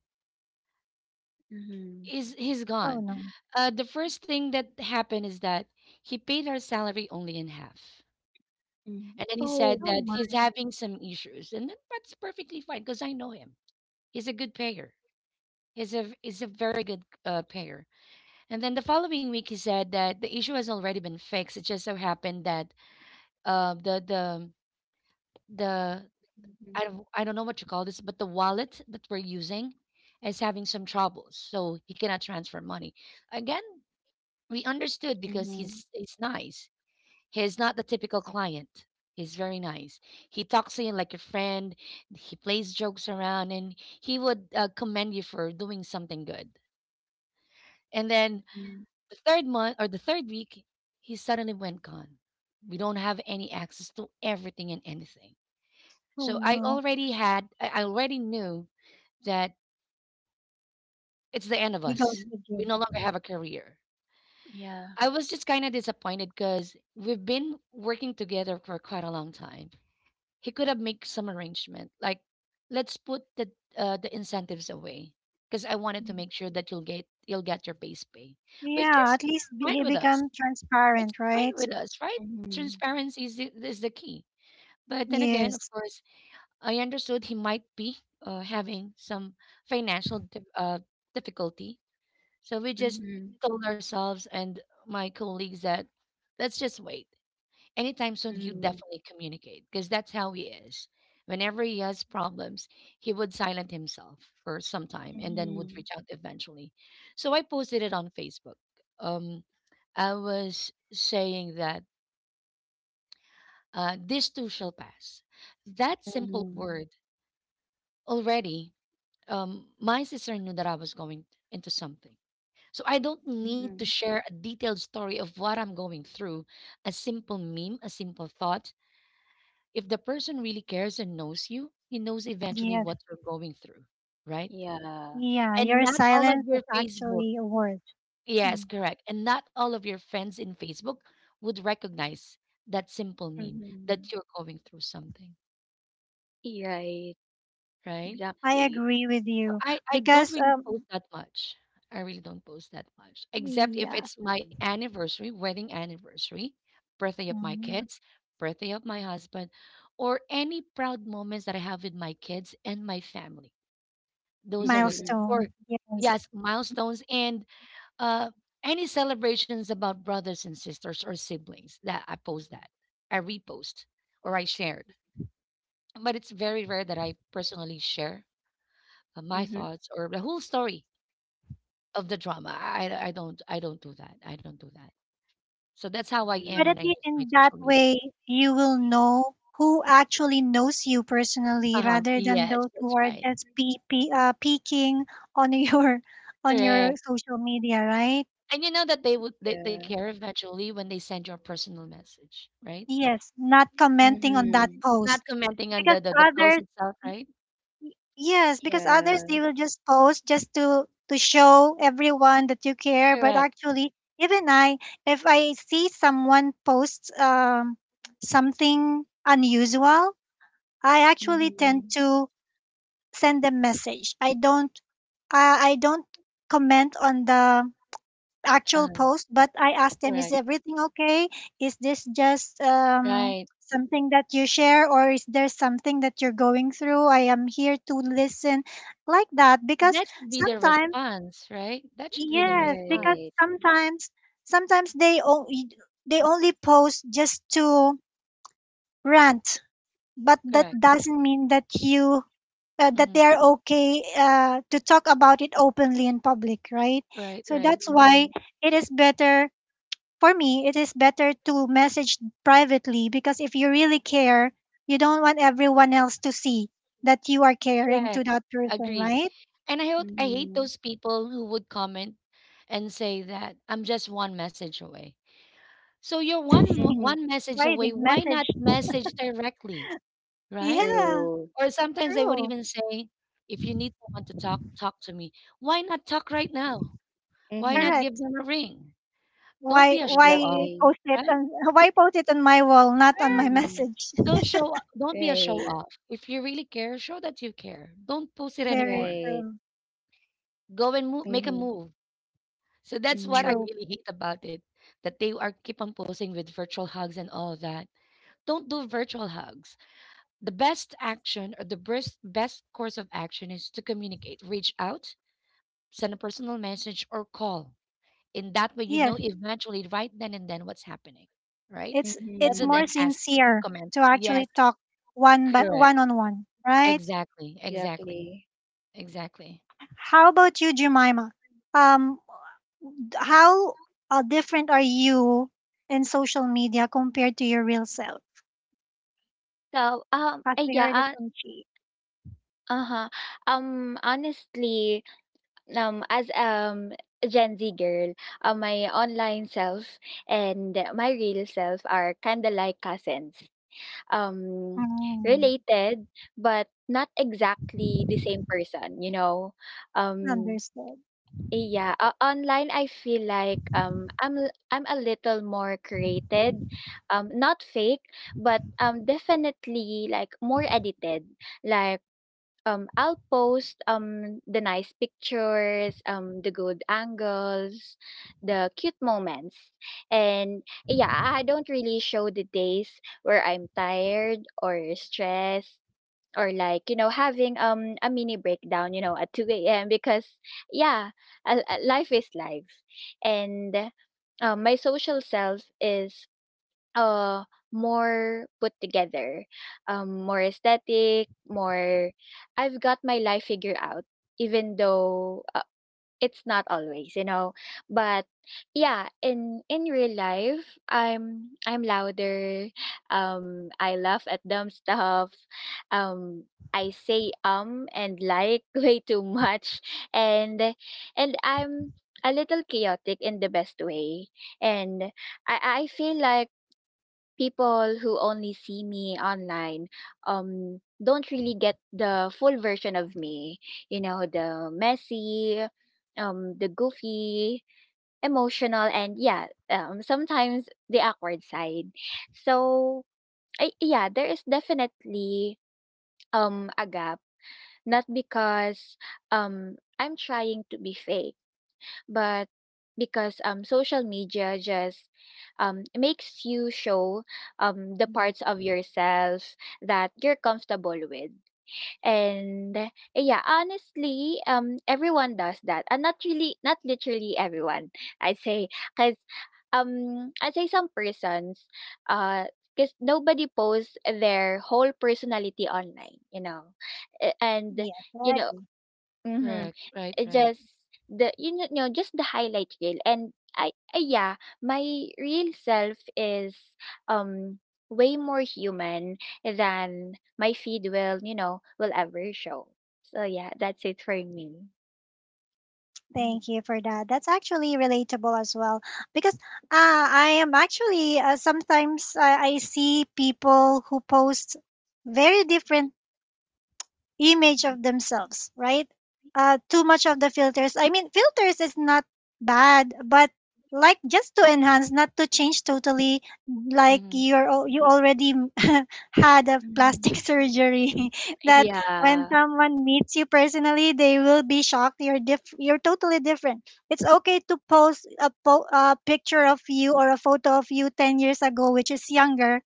Mhm.
Is he's
Oh
gone.
no.
The first thing that happened is that he paid our salary only in half,
Mhm.
and then he said
Oh
that
Oh.
my.
he's having some issues, and then that's perfectly fine because I know him. He's a good payer. He's a very good payer. And then the following week, he said that the issue has already been fixed. It just so happened that uh, the the the
Mhm.
I don't know what you call this, but the wallet that we're using is having some troubles, so he cannot transfer money. Again, we understood because
Mhm.
he's nice. He's not the typical client. He's very nice. He talks to you like a friend. He plays jokes around, and he would commend you for doing something good. And then
Mhm.
the third month or the third week, he suddenly went gone. We don't have any access to everything and anything.
Oh
So
no.
I already knew that it's the end of
He goes
us.
Mhm.
to
We
jail.
no longer have a career.
Yeah.
I was just kind of disappointed because we've been working together for quite a long time. He could have made some arrangement, like let's put the incentives away because I wanted to
Mhm.
make sure that you'll get your base pay, which
Yeah,
is
at least
fine
he
with us.
become
It's
transparent,
fine
right?
with us, right?
Mhm.
Transparency is is the key. But then again, of
Yes,
course, I understood he might be having some financial dif- uh, difficulty, so we just
Mhm.
told ourselves and my colleagues that let's just wait. Anytime soon, he'll
Mhm.
definitely communicate because that's how he is. Whenever he has problems, he would silent himself for some time and then would
Mhm.
reach out eventually. So I posted it on Facebook. Um, I was saying that this too shall pass. That simple
Mhm.
word already, my sister knew that I was going into something. So I don't need to
Mhm.
share a detailed story of what I'm going through. A simple meme, a simple thought. If the person really cares and knows you, he knows eventually
yes,
what you're going through, right?
Yeah.
yeah.
And
Your
not all of
silence is
your Facebook,
actually a word.
yes,
Mm.
correct. And not all of your friends in Facebook would recognize that simple meme that
Mhm.
you're going through something,
Right.
right?
I
Exactly.
agree with
So
you
I don't
because
really post that much. I really don't post that much, except if
yeah,
it's my anniversary, wedding anniversary, birthday of my
mm,
kids, birthday of my husband, or any proud moments that I have with my kids and my family. Those are the things.
Mhm.
Or
milestone. Yes,
yes, milestones and uh any celebrations about brothers and sisters or siblings that I post that. I repost or I shared. But it's very rare that I personally share my
Mhm.
thoughts or the whole story of the drama. I don't do that. I don't do that. So that's how I am
but
Mm.
when
at
I
least
use my
in that
social media.
way, you will know who actually knows you personally,
Uh-huh.
rather than
Yes,
those
that's
who are
right.
just peeking on your on your
Correct.
social media, right?
And you know that they would they
Yeah.
care eventually when they send your personal message, right?
Yes, not commenting on that
Mhm.
post
Not commenting on
because
the post
others,
itself, right?
yes, because others
Yeah.
they will just post just to show everyone that you care, but
Correct.
actually even I if I see someone posts something unusual, I actually tend
Mhm.
to send them message. I don't comment on the
Uh,
actual post, but I asked them, is
Correct.
everything okay? Is this just
Right.
something that you share, or is there something that you're going through? I am here to listen, like that, because
That should be the
sometimes,
response, right? That should be the
yes, because
response.
Right.
sometimes, sometimes they only post just to rant, but that
Correct.
doesn't mean that you. That they
Mm,
are okay to talk about it openly in public, right? So
right.
that's why
Mhm.
it is better for me, it is better to message privately because if you really care, you don't want everyone else to see that you are caring to
Correct.
that person,
Agree.
right?
And I hate
Mhm.
those people who would comment and say that I'm just one message away. So you're
Mhm.
one message
Why you
away.
didn't
Why
message?
not message directly, right?
Yeah,
True.
Or sometimes they would
true,
even say, if you need someone to talk, talk to me. Why not talk right now? Why
Mhm.
not give
correct.
them a ring? Don't be
Why
a show
why
off,
Exactly.
post it
right?
on why post it on my wall, not on my
Right.
Mhm.
message?
Don't be a show
Right.
off. If you really care, show that you care. Don't post it
Very
anymore.
Right.
true,
Go and move, make a
Mhm.
move. So that's what I
Mhm.
true.
really hate about it, that they are keep on posing with virtual hugs and all of that. Don't do virtual hugs. The best action or the best course of action is to communicate, reach out, send a personal message or call. In that way, you know
Yes,
eventually right then and then what's happening, right?
it's
Rather than
more
Mhm.
asking,
sincere
comment.
to
Yes,
actually talk one by
correct.
one on one, right?
Exactly, exactly,
Exactly.
exactly.
How about you, Jemima? Um, how different are you in social media compared to your real self?
So, um,
As
uh,
we
yeah,
heard it
uh,
from Chi.
uh-huh. Honestly, as a Gen Z girl, my online self and my real self are kind of like cousins. Um
Mm,
Related but not exactly the same person, you know. Um
understood.
yeah, online I feel like I'm a little more created. Um, not fake, but definitely like more edited. Like, I'll post the nice pictures, the good angles, the cute moments. And yeah, I don't really show the days where I'm tired or stressed, or like, you know, having a mini breakdown, you know, at 2 a.m. because yeah, life is life. And my social self is uh, more put together, more aesthetic, more. I've got my life figured out, even though it's not always, you know. But yeah, in real life, I'm louder. I laugh at dumb stuff. I say and like way too much, and I'm a little chaotic in the best way. And I feel like people who only see me online don't really get the full version of me, you know, the messy, the goofy, emotional, and yeah, sometimes the awkward side. So, yeah, there is definitely a gap, not because I'm trying to be fake, but because social media just makes you show the
Mhm.
parts of yourself that you're comfortable with. And yeah, honestly, everyone does that and not really not literally everyone, I'd say, because I'd say some persons, uh because nobody posts their whole personality online, you know. And
Yes,
you
I
know,
agree.
mhm.
Correct.
It
Right.
just, the you know, just the highlight reel, and I, yeah, my real self is um way more human than my feed will, you know, will ever show. So yeah, that's it for me. Mhm.
Thank you for that. That's actually relatable as well because I am actually sometimes I see people who post very different image of themselves, right? Too much of the filters. I mean, filters is not bad, but like just to enhance, not to change totally. Like
Mm-hmm.
you already had a
Mhm.
plastic surgery. That
Yeah.
when someone meets you personally, they will be shocked. You're diff. You're totally different. It's okay to post a picture of you or a photo of you 10 years ago, which is younger,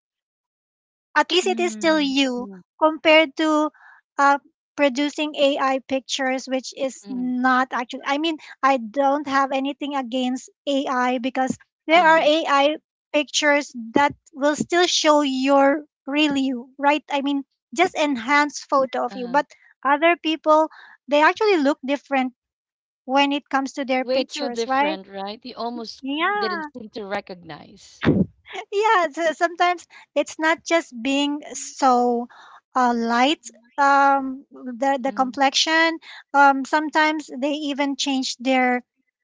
at least it is still
Mm-hmm.
you,
Mm-hmm.
compared to uh, producing AI pictures, which is not actually. I mean, I don't have anything against AI because
Uh
there are
huh.
AI pictures that will still show your real you, right? I mean, just enhanced photo of
Uh
you.
huh.
But other people, they actually look different when it comes to their
Way too
pictures, right?
different, right? You almost didn't
Yeah.
seem to recognize.
Yeah, so sometimes it's not just being so light the
Hmm.
complexion. Sometimes they even change their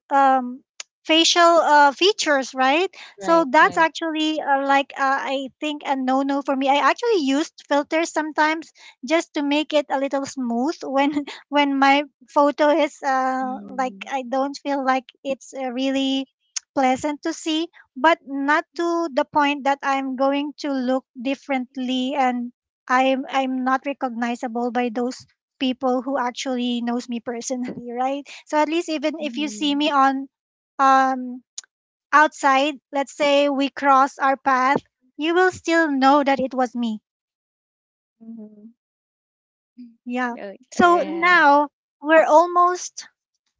um facial features, right? So that's
Right.
actually I think a no no for me. I actually used filters sometimes just to make it a little smooth when when my photo is like
Mm-hmm.
I don't feel like it's really pleasant to see, but not to the point that I'm going to look differently and I'm not recognizable by those people who actually knows me personally, right? So at least even if you see me on um outside, let's say we cross our path, you will still know that it was me.
Mm-hmm.
Yeah.
Oh,
So
Mm-hmm.
yeah.
now we're almost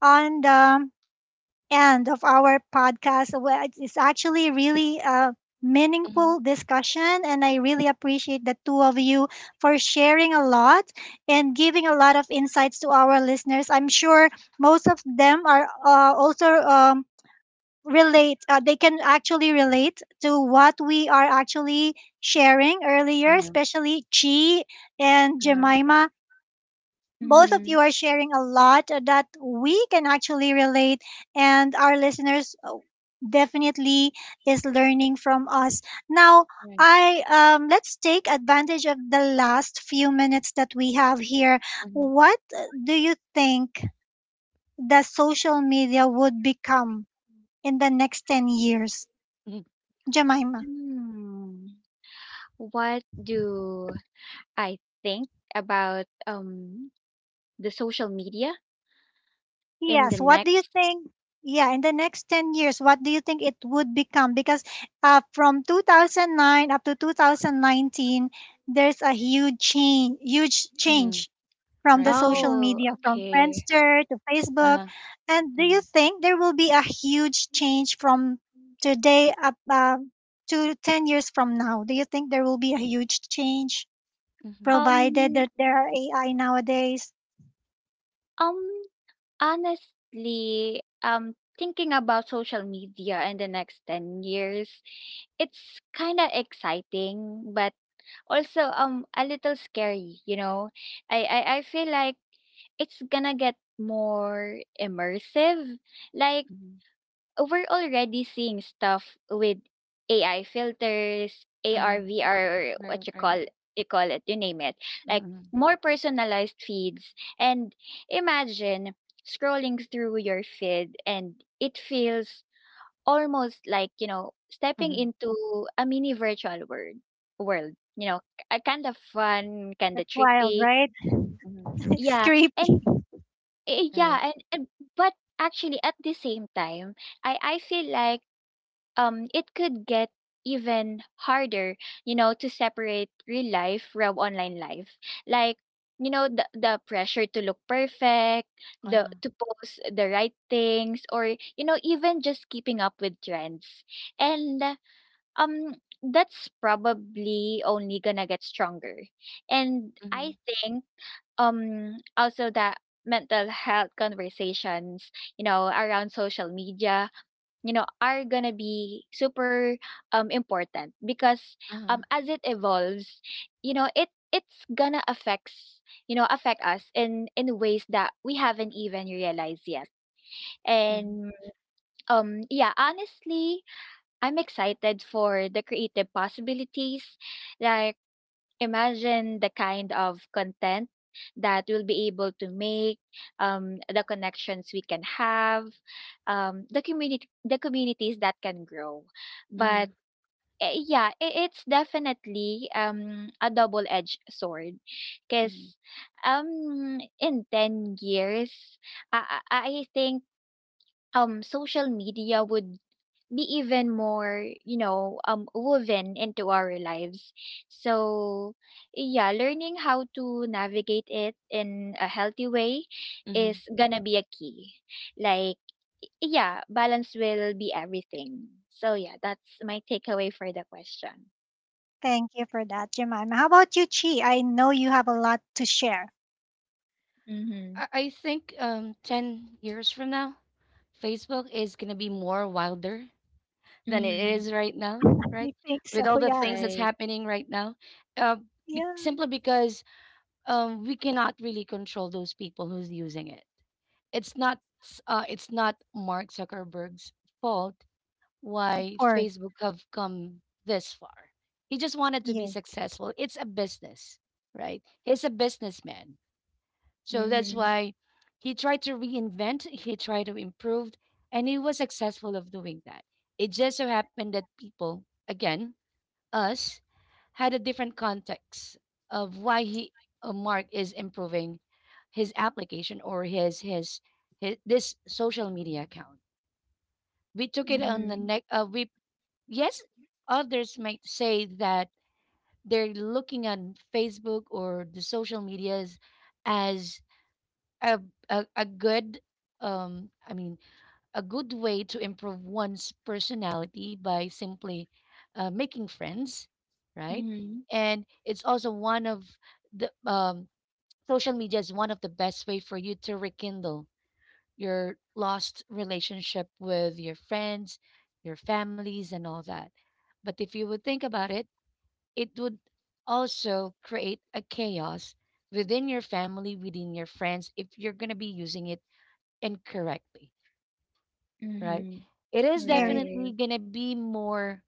on the end of our podcast. Well, it's actually really a
Mm-hmm.
meaningful discussion, and I really appreciate the two of you for sharing a lot and giving a lot of insights to our listeners. I'm sure most of them are also relate. They can actually relate to what we are actually sharing earlier,
Uh-huh.
especially Chi and
Uh-huh.
Jemima. Both of
Mm-hmm.
you are sharing a lot that we can actually relate, and our listeners definitely is learning from us. Now,
Right.
I let's take advantage of the last few minutes that we have here.
Mm-hmm.
What do you think the social media would become in the next 10 years,
Mm-hmm.
Jemima?
Hmm. What do I think about the social media in the
Yes, what do you
next,
think? Yeah, in the next 10 years, what do you think it would become? Because from 2009 up to 2019, there's a huge
Mm-hmm.
change from the
Right.
social
oh,
media, from
okay.
Friendster to Facebook.
Uh-huh.
And do you
Mm-hmm.
think there will be a huge change from today up to 10 years from now? Do you think there will be a huge change
Mm-hmm.
provided
Um,
that there are AI nowadays?
um, Honestly, thinking about social media in the next 10 years, it's kind of exciting, but also a little scary, you know. I feel like it's gonna get more immersive. Like,
Mm-hmm.
we're already seeing stuff with AI filters,
Mm-hmm.
AR, VR, or what
Right.
you call it, you name it. Like,
Mm-hmm.
more personalized feeds. And imagine scrolling through your feed, and it feels almost like, you know, stepping
Mm-hmm.
into a mini virtual world. You know, a kind of fun, kind of
That's wild,
trippy.
right?
Mm-hmm.
It's
Yeah.
creepy.
And
Right.
and but actually at the same time, I feel like it could get even harder, you know, to separate real life from online life. Like, you know, the pressure to look perfect, the
Uh-huh.
to post the right things, or, you know, even just keeping up with trends. And um that's probably only gonna get stronger. And I
Mm-hmm.
think also that mental health conversations, you know, around social media, you know, are gonna be super important because
Uh-huh.
as it evolves, you know, it's gonna affects, you know, affect us in ways that we haven't even realized yet.
Mm-hmm.
And yeah, honestly, I'm excited for the creative possibilities. Like, imagine the kind of content that we'll be able to make, the connections we can have, the communities that can grow.
Mm-hmm.
But yeah, it's definitely a double-edged sword,
Mm-hmm.
because in 10 years, I, I I think social media would be even more, you know, woven into our lives. So yeah, learning how to navigate it in a healthy way is
Mm-hmm.
gonna be a key. Like, yeah, balance will be everything. So yeah, that's my takeaway for the question.
Thank you for that, Jemima. How about you, Chi? I know you have a lot to share.
Mm-hmm.
I think 10 years from now, Facebook is gonna be more wilder than it
Mm-hmm.
is right now, right?
I think
With
so,
all the
yeah.
things that's
Right.
happening right now, uh,
Yeah,
simply because we cannot really control those people who's using it. It's not Mark Zuckerberg's fault
of
why
course.
Facebook have come this far. He just wanted to be
Yes,
successful. It's a business, right? He's a businessman. So that's
Mm-hmm.
why he tried to improve, and he was successful of doing that. It just so happened that people, again, us, had a different context of why he Mark is improving his application or his this social media account. We took it on the
Mm-hmm.
neck. We yes, others might say that they're looking on Facebook or the social medias as a a good um i mean a good way to improve one's personality by simply making friends, right?
Mm-hmm.
And it's also one of the social media is one of the best way for you to rekindle your lost relationship with your friends, your families and all that. But if you would think about it, it would also create a chaos within your family, within your friends if you're going to be using it incorrectly, right?
Mm-hmm.
It is
very.
Right.
definitely going to be more,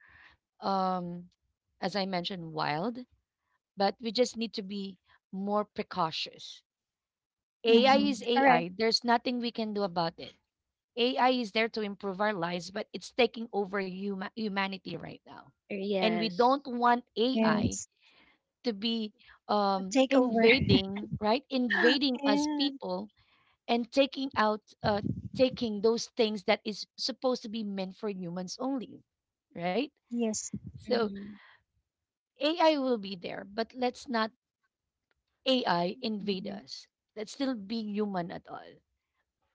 um, as I mentioned, wild, but we just need to be more precautious. AI
Mm-hmm.
Mm-hmm.
is
All right.
AI. There's nothing we can do about it. AI is there to improve our lives, but it's taking over humanity right now. And we
Yes.
don't want AI
Yes,
to be
a takeover.
invading, right? Invading us
Yeah.
people and taking those things that is supposed to be meant for humans only, right?
Yes.
So
Mm-hmm.
AI will be there, but let's not AI invade
Mm-hmm.
us. Let's still be human at all.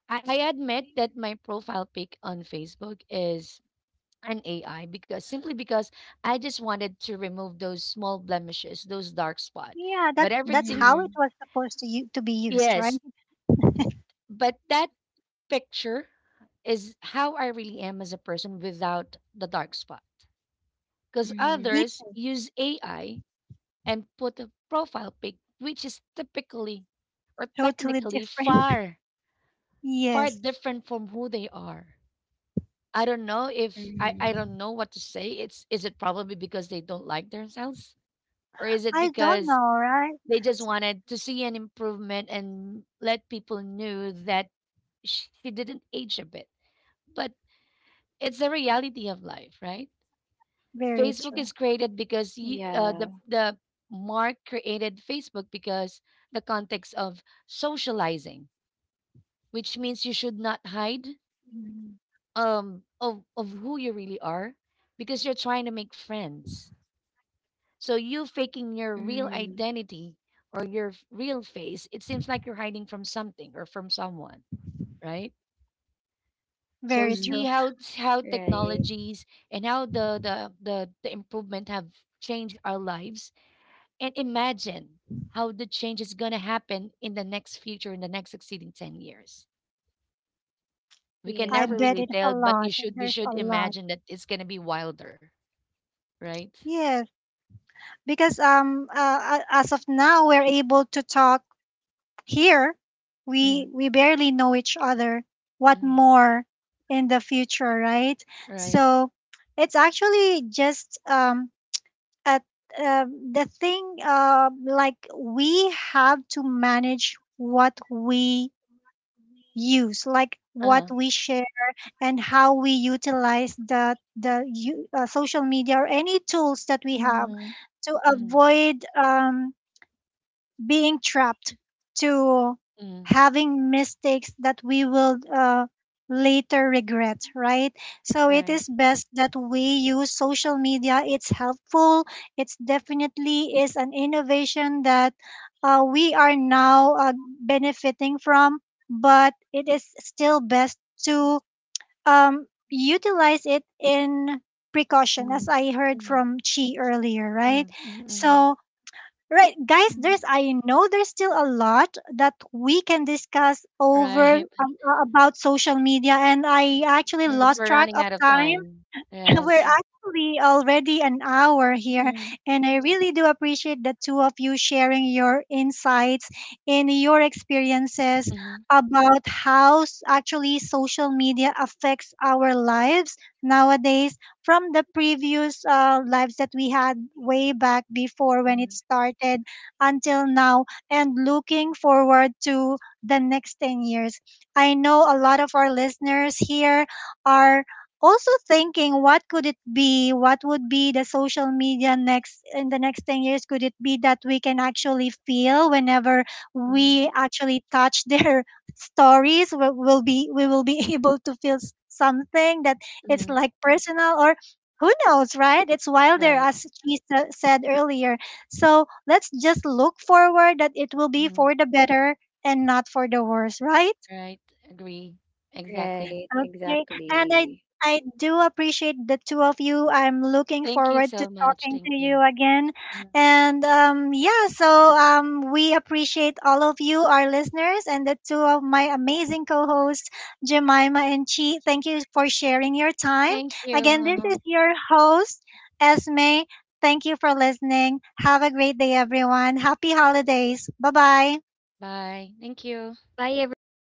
I admit that my profile pic on Facebook is an AI, because simply because I just wanted to remove those small blemishes, those dark spot.
Yeah, that
But
that's
everything,
how
Mm-hmm.
it was supposed to to be used,
yes,
right?
but that picture is how I really am as a person without the dark spot. Because
Mm-hmm.
It's
others use AI and put a profile pic, which is typically or
totally
technically
different.
far, far
Yes.
different from who they are. I don't know if I
Mhm.
don't know what to say. It's is it probably because they don't like themselves? Or is it
I don't
because
know, right?
they just
It's
wanted to see an improvement and let people know that she didn't age a bit? But it's the reality of life, right?
very
Facebook
true.
is created because you,
Yeah.
the Mark created Facebook because the context of socializing, which means you should not hide
Mhm.
of who you really are because you're trying to make friends. So you faking your real
Mhm.
identity or your real face, it seems like you're hiding from something or from someone, right? So
Very
Mhm.
see
true.
how
Right.
technologies and how the improvement have changed our lives, and imagine how the change is gonna happen in the next future in the next succeeding 10 years. We can
I
Yeah.
never
bet
really
it's a
tell, but you
lot.
should we
There's
should
a lot.
imagine that it's gonna be wilder, right?
Yes, because as of now we're able to talk here.
Mm-hmm,
We barely know each other. What
mm-hmm,
more in the future, right?
right.
So it's actually just at the thing like we have to manage what we use, like what
Uh-huh.
we share and how we utilize the social media or any tools that we have
Mhm.
to
Mm-hmm,
avoid being trapped to
mm-hmm,
having mistakes that we will later regret, right? So it
right.
is best that we use social media. It's helpful. It's definitely is an innovation that we are now benefiting from, but it is still best to utilize it in precaution,
Mm-hmm,
as I heard
mm-hmm,
from Chi earlier,
mm-hmm,
right?
mm-hmm,
So right, guys,
Mhm.
there's I know there's still a lot that we can discuss over
right.
about social media, and I actually
But
Mhm.
lost
we're
track
running
of
out of
time.
time.
We're
Yes.
actually already an hour here,
Mhm.
and I really do appreciate the two of you sharing your insights and your experiences
Mm-hmm,
about how actually social media affects our lives nowadays, from the previous lives that we had way back before, when
mm-hmm,
it started, until now, and looking forward to the next 10 years. I know a lot of our listeners here are also thinking what could it be, what would be the social media next in the next 10 years. Could it be that we can actually feel whenever
mm-hmm,
we actually touch their stories, we will be able to feel something that it's
mm-hmm,
like personal, or who knows, right? It's wilder,
right.
as she said earlier. So let's just look forward that it will be
Mhm.
for the better and not for the worse, right?
Right. Agree. Exactly.
Right.
Okay. And I
Exactly.
I do appreciate the two of you. I'm looking
Thank you
forward
so
to
much.
talking
Thank
to
you.
you again.
Mhm.
And yeah, so we appreciate all of you, our listeners, and the two of my amazing co-hosts, Jemima and Chi. Thank you for sharing your time.
Thank you.
Again, this
Uh-huh.
is your host, Esme. Thank you for listening. Have a great day, everyone. Happy holidays. Bye bye.
Bye. Thank you.
Bye, everybody.